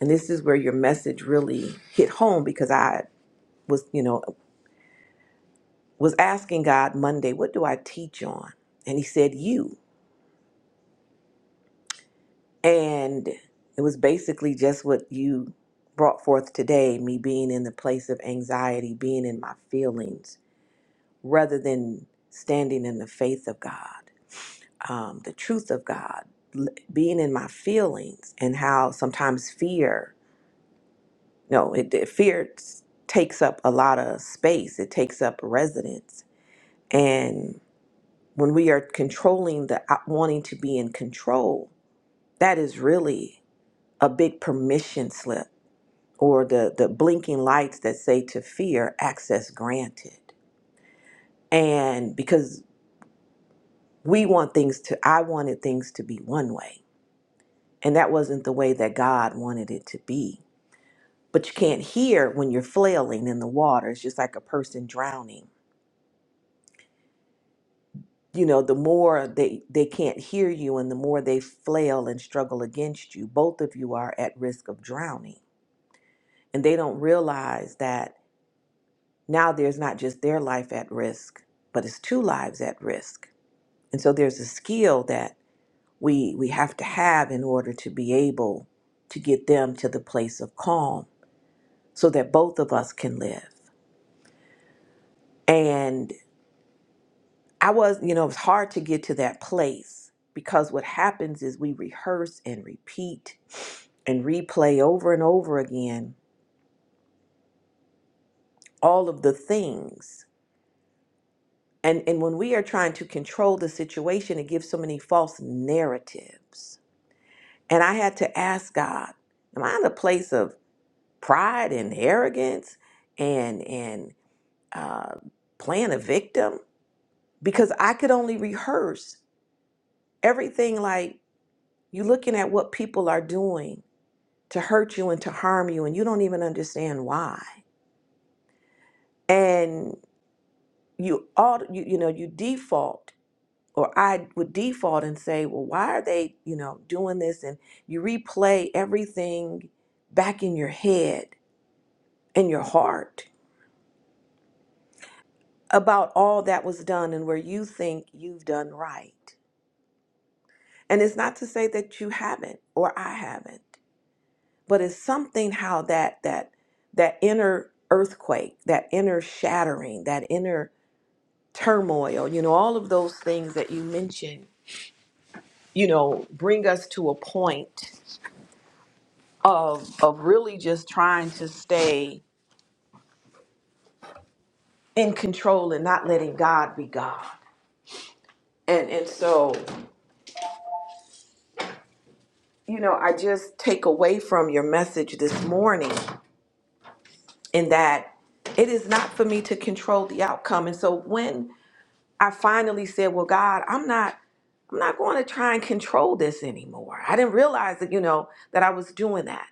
Speaker 1: and this is where your message really hit home because i was you know was asking god monday what do i teach on and he said you and it was basically just what you brought forth today me being in the place of anxiety being in my feelings rather than standing in the faith of God, um, the truth of God, l- being in my feelings, and how sometimes fear, no, it, it- fear s- takes up a lot of space. It takes up residence, and when we are controlling the uh, wanting to be in control, that is really a big permission slip or the the blinking lights that say to fear access granted and because we want things to i wanted things to be one way and that wasn't the way that god wanted it to be but you can't hear when you're flailing in the water it's just like a person drowning you know the more they they can't hear you and the more they flail and struggle against you both of you are at risk of drowning and they don't realize that now there's not just their life at risk but it's two lives at risk and so there's a skill that we we have to have in order to be able to get them to the place of calm so that both of us can live and i was you know it was hard to get to that place because what happens is we rehearse and repeat and replay over and over again all of the things and and when we are trying to control the situation it gives so many false narratives and i had to ask god am i in a place of pride and arrogance and and uh, playing a victim because I could only rehearse everything like you looking at what people are doing to hurt you and to harm you and you don't even understand why and you all you, you know you default or I would default and say well why are they you know doing this and you replay everything back in your head in your heart about all that was done and where you think you've done right. And it's not to say that you haven't or I haven't, but it's something how that that that inner earthquake, that inner shattering, that inner turmoil, you know, all of those things that you mentioned, you know, bring us to a point of of really just trying to stay in control and not letting God be God. And and so, you know, I just take away from your message this morning in that it is not for me to control the outcome. And so when I finally said, Well, God, I'm not. I'm not going to try and control this anymore. I didn't realize that, you know, that I was doing that.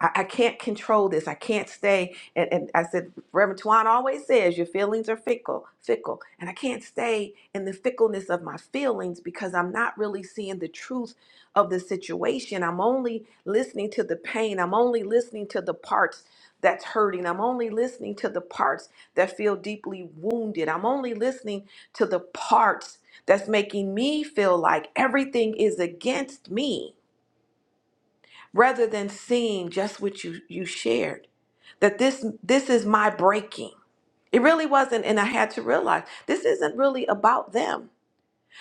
Speaker 1: I, I can't control this. I can't stay. And, and I said, Reverend Tuan always says your feelings are fickle, fickle. And I can't stay in the fickleness of my feelings because I'm not really seeing the truth of the situation. I'm only listening to the pain. I'm only listening to the parts that's hurting. I'm only listening to the parts that feel deeply wounded. I'm only listening to the parts that's making me feel like everything is against me rather than seeing just what you you shared that this this is my breaking it really wasn't and i had to realize this isn't really about them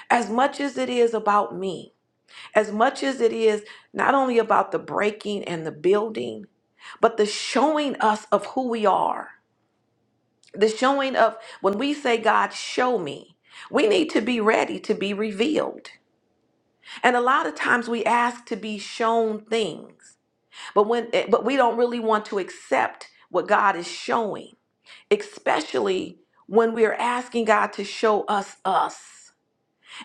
Speaker 1: as much as it is about me as much as it is not only about the breaking and the building but the showing us of who we are the showing of when we say god show me we need to be ready to be revealed And a lot of times we ask to be shown things, but when eh, but we don't really want to accept what God is showing, especially when we are asking God to show us us.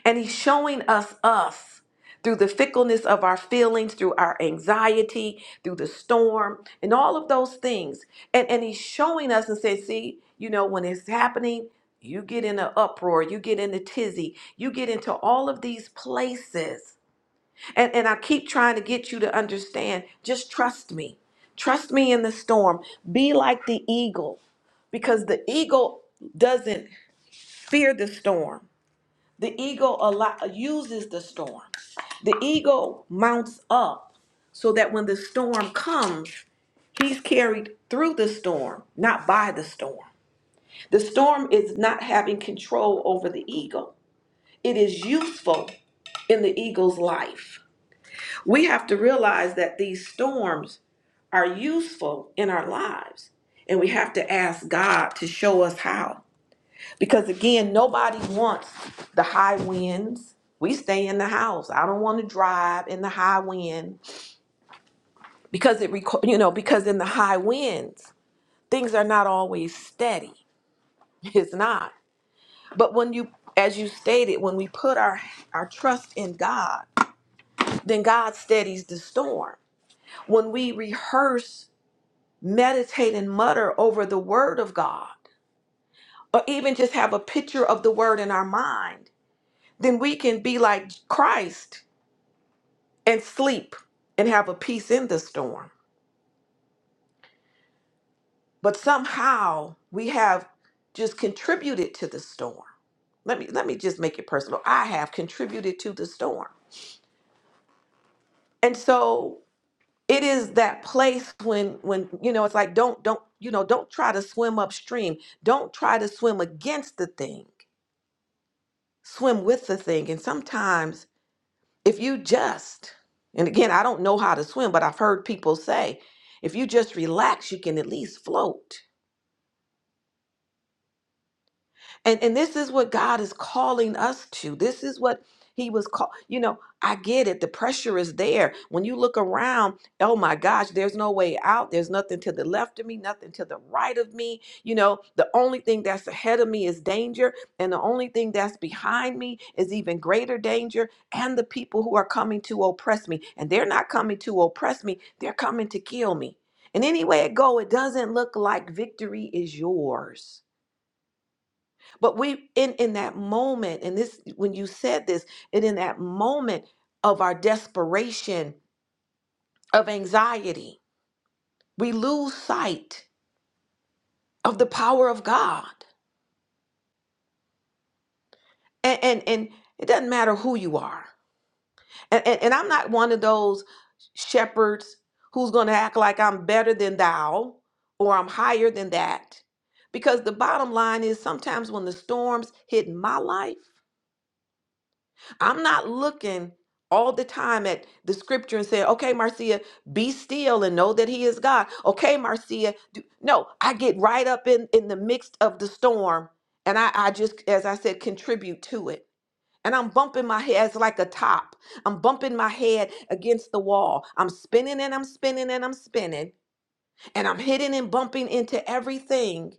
Speaker 1: And he's showing us us through the fickleness of our feelings, through our anxiety, through the storm, and all of those things. And and he's showing us and says, "See, you know when it's happening, you get in an uproar, you get in a tizzy, you get into all of these places and, and I keep trying to get you to understand just trust me. Trust me in the storm. Be like the eagle because the eagle doesn't fear the storm. The eagle allo- uses the storm. The eagle mounts up so that when the storm comes, he's carried through the storm, not by the storm. The storm is not having control over the eagle, it is useful in the eagle's life We have to realize that these storms are useful in our lives, and we have to ask God to show us how. Because again, nobody wants the high winds. We stay in the house. I don't want to drive in the high wind because it, reco- you know, because in the high winds, things are not always steady. It's not. But when you, as you stated, when we put our our trust in God, then God steadies the storm. When we rehearse meditate and mutter over the word of God, or even just have a picture of the word in our mind, then we can be like Christ and sleep and have a peace in the storm. But somehow we have just contributed to the storm. Let me let me just make it personal. I have contributed to the storm. And so it is that place when when you know it's like don't don't you know don't try to swim upstream. Don't try to swim against the thing swim with the thing. And sometimes, if you just, and again, I don't know how to swim, but I've heard people say, if you just relax, you can at least float. And and this is what God is calling us to. This is what he was called. You know, I get it. The pressure is there. When you look around, oh my gosh, there's no way out. There's nothing to the left of me, nothing to the right of me. You know, the only thing that's ahead of me is danger, and the only thing that's behind me is even greater danger. And the people who are coming to oppress me, and they're not coming to oppress me, they're coming to kill me. And any way it go, it doesn't look like victory is yours. But we in in that moment, and this when you said this, and in that moment of our desperation, of anxiety, we lose sight of the power of God. And and, and it doesn't matter who you are. And, and and I'm not one of those shepherds who's gonna act like I'm better than thou or I'm higher than that. Because the bottom line is sometimes when the storms hit my life, I'm not looking all the time at the scripture and saying, okay, Marcia, be still and know that he is God. Okay, Marcia. Do... No, I get right up in, in the midst of the storm and I, I just, as I said, contribute to it. And I'm bumping my head it's like a top. I'm bumping my head against the wall. I'm spinning and I'm spinning and I'm spinning. And I'm hitting and bumping into everything,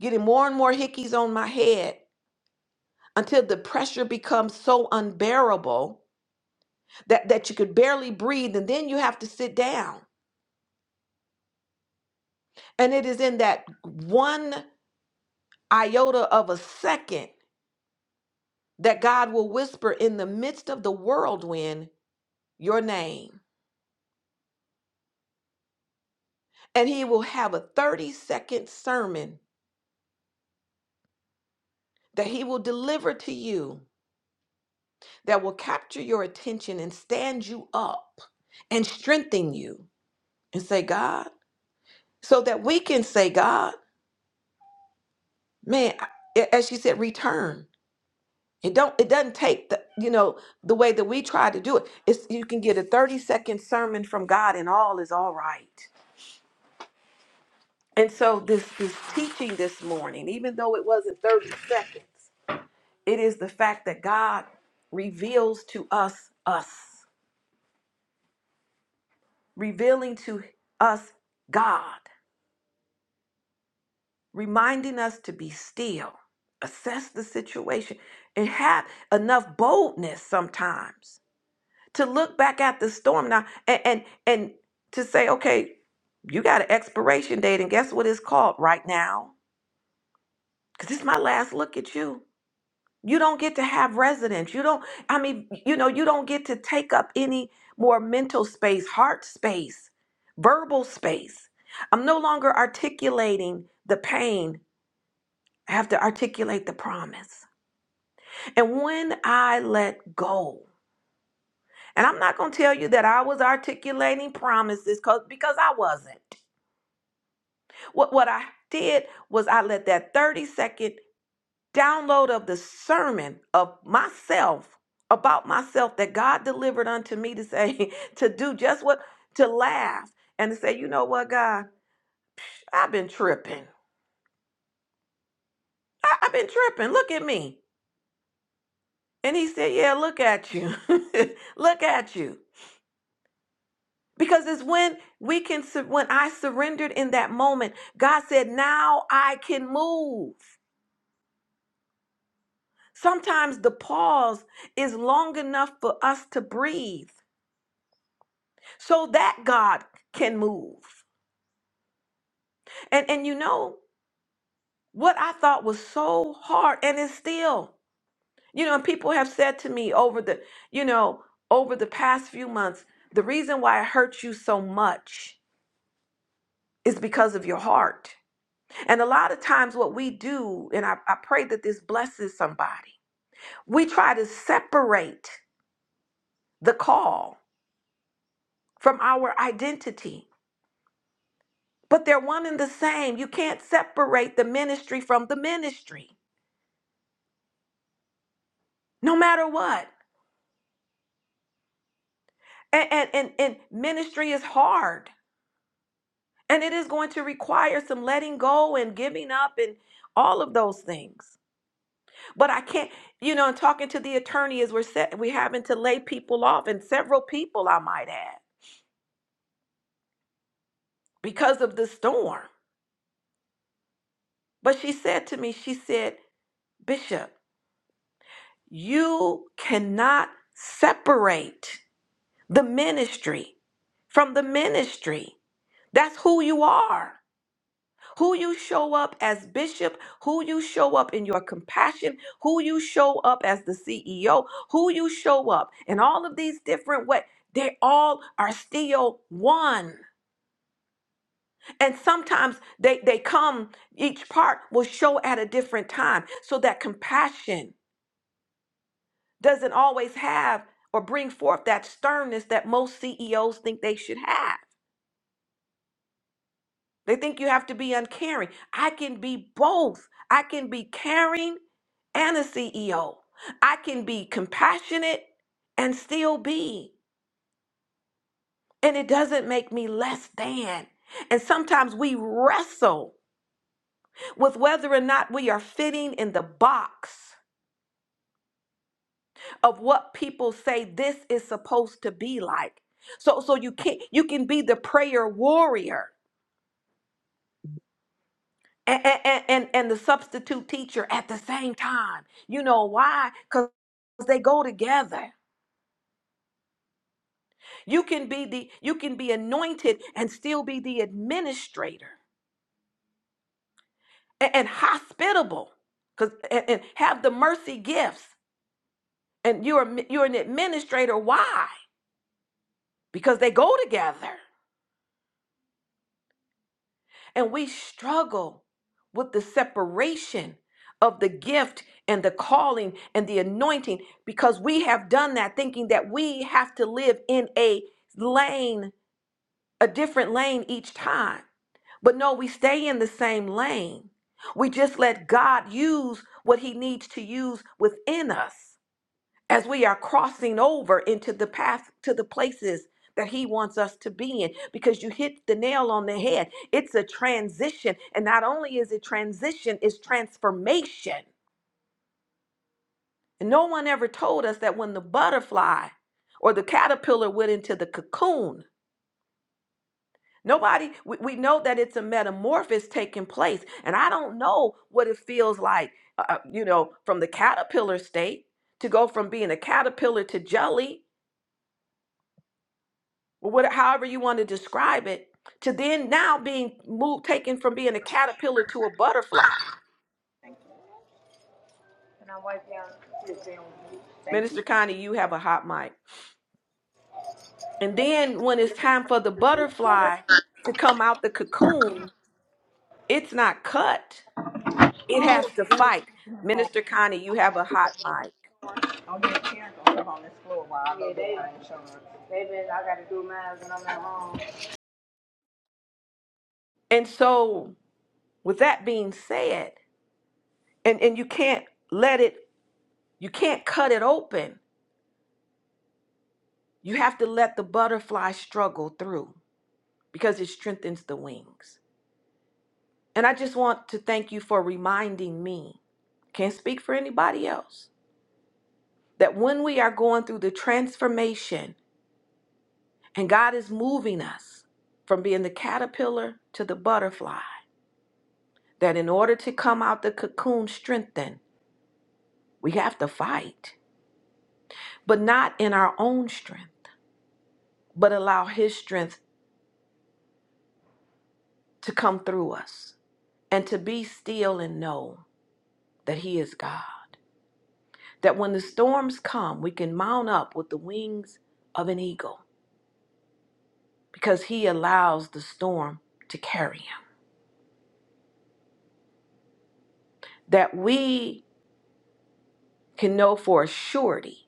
Speaker 1: getting more and more hickeys on my head until the pressure becomes so unbearable that, that you could barely breathe, and then you have to sit down. And it is in that one iota of a second that God will whisper in the midst of the whirlwind your name. And he will have a 30 second sermon that he will deliver to you that will capture your attention and stand you up and strengthen you and say, God, so that we can say, God, man, I- as she said, return. It don't it doesn't take the you know the way that we try to do it. It's you can get a 30 second sermon from God and all is all right. And so this this teaching this morning, even though it wasn't 30 seconds, it is the fact that God reveals to us us, revealing to us God, reminding us to be still, assess the situation, and have enough boldness sometimes to look back at the storm now and and, and to say, okay, you got an expiration date, and guess what it's called right now? Because it's my last look at you. You don't get to have residence. You don't, I mean, you know, you don't get to take up any more mental space, heart space, verbal space. I'm no longer articulating the pain. I have to articulate the promise. And when I let go, And I'm not going to tell you that I was articulating promises 'cause- because I wasn't. What, what I did was I let that 30 second download of the sermon of myself, about myself, that God delivered unto me to say, to do just what, to laugh and to say, you know what, God, I've been tripping. I, I've been tripping. Look at me. And he said, yeah, look at you. look at you. Because it's when we can, sur- when I surrendered in that moment, God said, now I can move. Sometimes the pause is long enough for us to breathe so that God can move. And, and you know, what I thought was so hard and it's still, you know, and people have said to me over the, you know, over the past few months, the reason why it hurts you so much is because of your heart And a lot of times, what we do, and I, I pray that this blesses somebody, we try to separate the call from our identity, but they're one and the same. You can't separate the ministry from the ministry, no matter what. And, and, and, and ministry is hard, and it is going to require some letting go and giving up and all of those things. But I can't, you know, and talking to the attorney is we're set, we're having to lay people off, and several people, I might add because of the storm. But she said to me, she said, Bishop, you cannot separate the ministry from the ministry. That's who you are. Who you show up as bishop, who you show up in your compassion, who you show up as the CEO, who you show up in all of these different ways, they all are still one. And sometimes they, they come, each part will show at a different time. So that compassion doesn't always have or bring forth that sternness that most CEOs think they should have. They think you have to be uncaring. I can be both. I can be caring and a CEO. I can be compassionate and still be. And it doesn't make me less than. And sometimes we wrestle with whether or not we are fitting in the box of what people say this is supposed to be like. So so you can you can be the prayer warrior and and, and, and the substitute teacher at the same time. You know why? Because they go together. You can be the you can be anointed and still be the administrator a- and, hospitable because and, and have the mercy gifts. And you're you're an administrator. Why? Because they go together. And we struggle with the separation of the gift and the calling and the anointing because we have done that thinking that we have to live in a lane, a different lane each time. But no, we stay in the same lane. We just let God use what he needs to use within us as we are crossing over into the path to the places that he wants us to be in because you hit the nail on the head it's a transition and not only is it transition it's transformation and no one ever told us that when the butterfly or the caterpillar went into the cocoon nobody we, we know that it's a metamorphosis taking place and i don't know what it feels like uh, uh, you know from the caterpillar state to go from being a caterpillar to jelly or what, however you want to describe it, to then now being moved, taken from being a caterpillar to a butterfly.
Speaker 2: Can I wipe down this down Thank you.
Speaker 1: Minister Connie, you have a hot mic. And then when it's time for the butterfly to come out the cocoon, it's not cut. It has to fight. Minister Connie, you have a hot mic.
Speaker 2: Don't get a chance to hold on this floor while I go Yeah, do they- mine insurance. They been, I gotta do mine when I'm at home.
Speaker 1: And so with that being said, and, and you can't let it, you can't cut it open. You have to let the butterfly struggle through because it strengthens the wings. And I just want to thank you for reminding me, can't speak for anybody else, that when we are going through the transformation and God is moving us from being the caterpillar to the butterfly, that in order to come out the cocoon strengthened, we have to fight, but not in our own strength, but allow His strength to come through us and to be still and know that He is God. that when the storms come, we can mount up with the wings of an eagle because he allows the storm to carry him. That we can know for a surety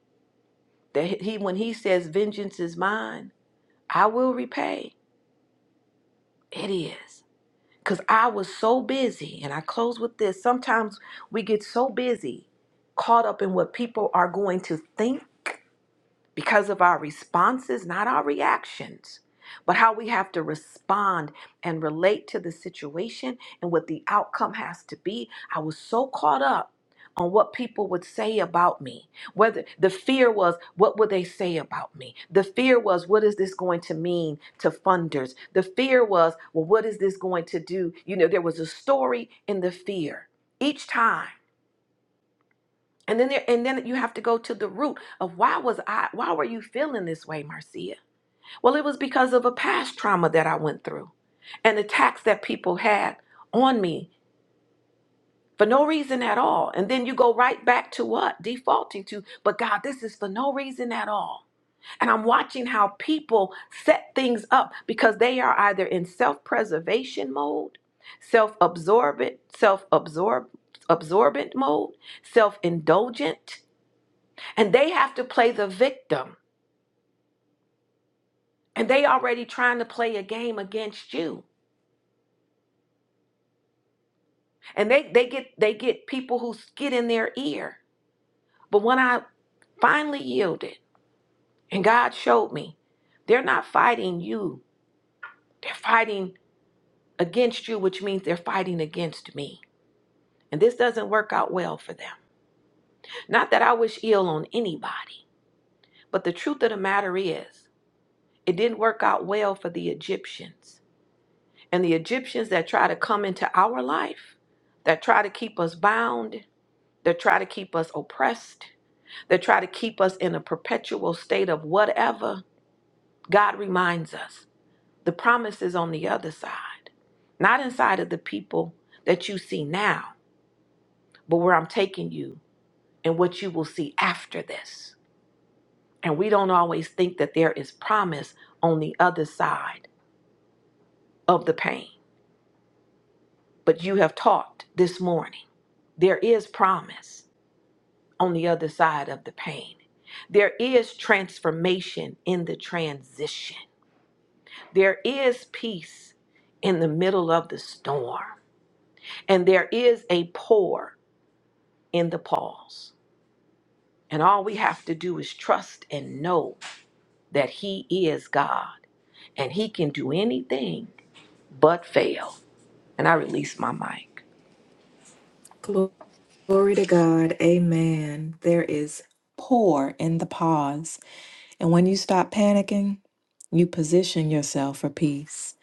Speaker 1: that he, when he says, Vengeance is mine, I will repay, it is. Because I was so busy, and I close with this. Sometimes we get so busy, caught up in what people are going to think because of our responses, not our reactions, but how we have to respond and relate to the situation and what the outcome has to be. I was so caught up on what people would say about me. Whether the fear was, what would they say about me? The fear was, what is this going to mean to funders? The fear was, well, what is this going to do? You know, there was a story in the fear each time. And then there, and then you have to go to the root of why was I, why were you feeling this way, Marcia? Well, it was because of a past trauma that I went through and attacks that people had on me for no reason at all. And then you go right back to what? Defaulting to, but God, this is for no reason at all. And I'm watching how people set things up because they are either in self-preservation mode, self-absorbent, self-absorb absorbent mode, self-indulgent and they have to play the victim and they already trying to play a game against you and they they get they get people who get in their ear but when i finally yielded and god showed me they're not fighting you they're fighting against you which means they're fighting against me and this doesn't work out well for them not that i wish ill on anybody but the truth of the matter is it didn't work out well for the egyptians and the Egyptians that try to come into our life, that try to keep us bound, that try to keep us oppressed, that try to keep us in a perpetual state of whatever, God reminds us the promise is on the other side, not inside of the people that you see now, but where I'm taking you and what you will see after this. And we don't always think that there is promise on the other side of the pain. But you have taught this morning there is promise on the other side of the pain. There is transformation in the transition. There is peace in the middle of the storm. And there is a pour in the pause. And all we have to do is trust and know that He is God and He can do anything but fail. And I release my mic.
Speaker 4: Glory to God. Amen. There is pour in the pause. And when you stop panicking, you position yourself for peace.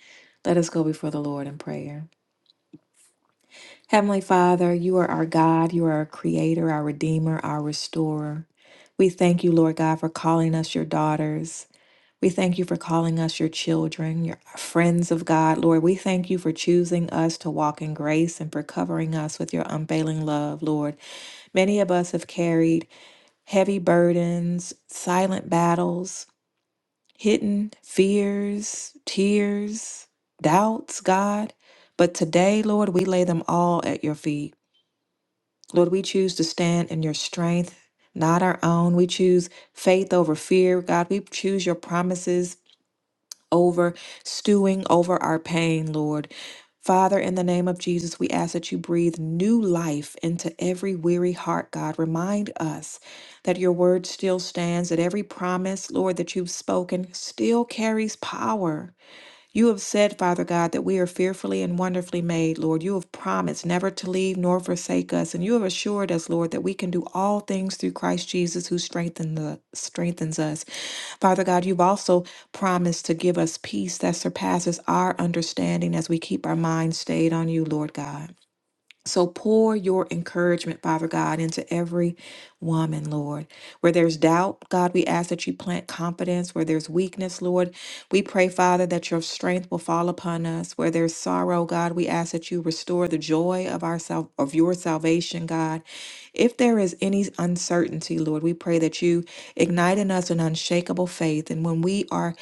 Speaker 4: Let us go before the Lord in prayer. Heavenly Father, you are our God, you are our creator, our redeemer, our restorer. We thank you, Lord God, for calling us your daughters. We thank you for calling us your children, your friends of God. Lord, we thank you for choosing us to walk in grace and for covering us with your unfailing love, Lord. Many of us have carried heavy burdens, silent battles, hidden fears, tears, doubts, God. But today, Lord, we lay them all at your feet. Lord, we choose to stand in your strength, not our own. We choose faith over fear. God, we choose your promises over, stewing over our pain, Lord. Father, in the name of Jesus, we ask that you breathe new life into every weary heart, God. Remind us that your word still stands, that every promise, Lord, that you've spoken still carries power. You have said, Father God, that we are fearfully and wonderfully made, Lord. You have promised never to leave nor forsake us, and you have assured us, Lord, that we can do all things through Christ Jesus who strengthen the, strengthens us. Father God, you've also promised to give us peace that surpasses our understanding as we keep our minds stayed on you, Lord God. So pour your encouragement, Father God, into every woman, Lord. Where there's doubt, God, we ask that you plant confidence. Where there's weakness, Lord, we pray, Father, that your strength will fall upon us. Where there's sorrow, God, we ask that you restore the joy of our sal- of your salvation, God. If there is any uncertainty, Lord, we pray that you ignite in us an unshakable faith. And when we are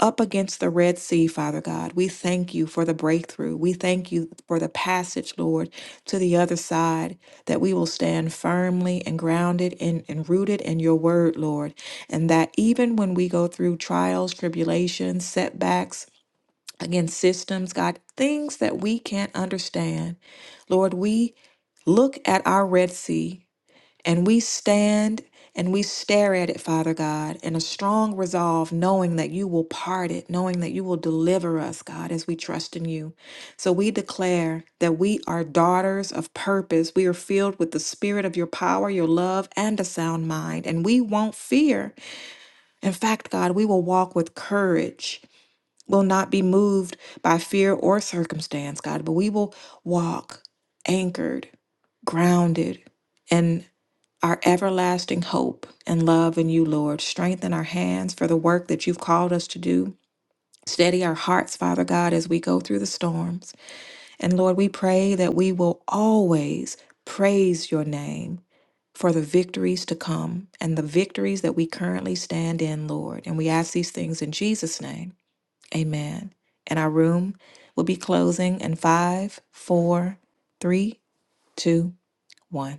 Speaker 4: up against the Red Sea, Father God, we thank you for the breakthrough. We thank you for the passage, Lord, to the other side, that we will stand firmly and grounded and, and rooted in your word, Lord. And that even when we go through trials, tribulations, setbacks, against systems, God, things that we can't understand, Lord, we look at our Red Sea and we stand and we stare at it, Father God, in a strong resolve, knowing that you will part it, knowing that you will deliver us, God, as we trust in you. So we declare that we are daughters of purpose. We are filled with the spirit of your power, your love, and a sound mind. And we won't fear. In fact, God, we will walk with courage. Will not be moved by fear or circumstance, God, but we will walk anchored, grounded, and our everlasting hope and love in you, Lord. Strengthen our hands for the work that you've called us to do. Steady our hearts, Father God, as we go through the storms. And Lord, we pray that we will always praise your name for the victories to come and the victories that we currently stand in, Lord. And we ask these things in Jesus' name. Amen. And our room will be closing in five, four, three, two, one.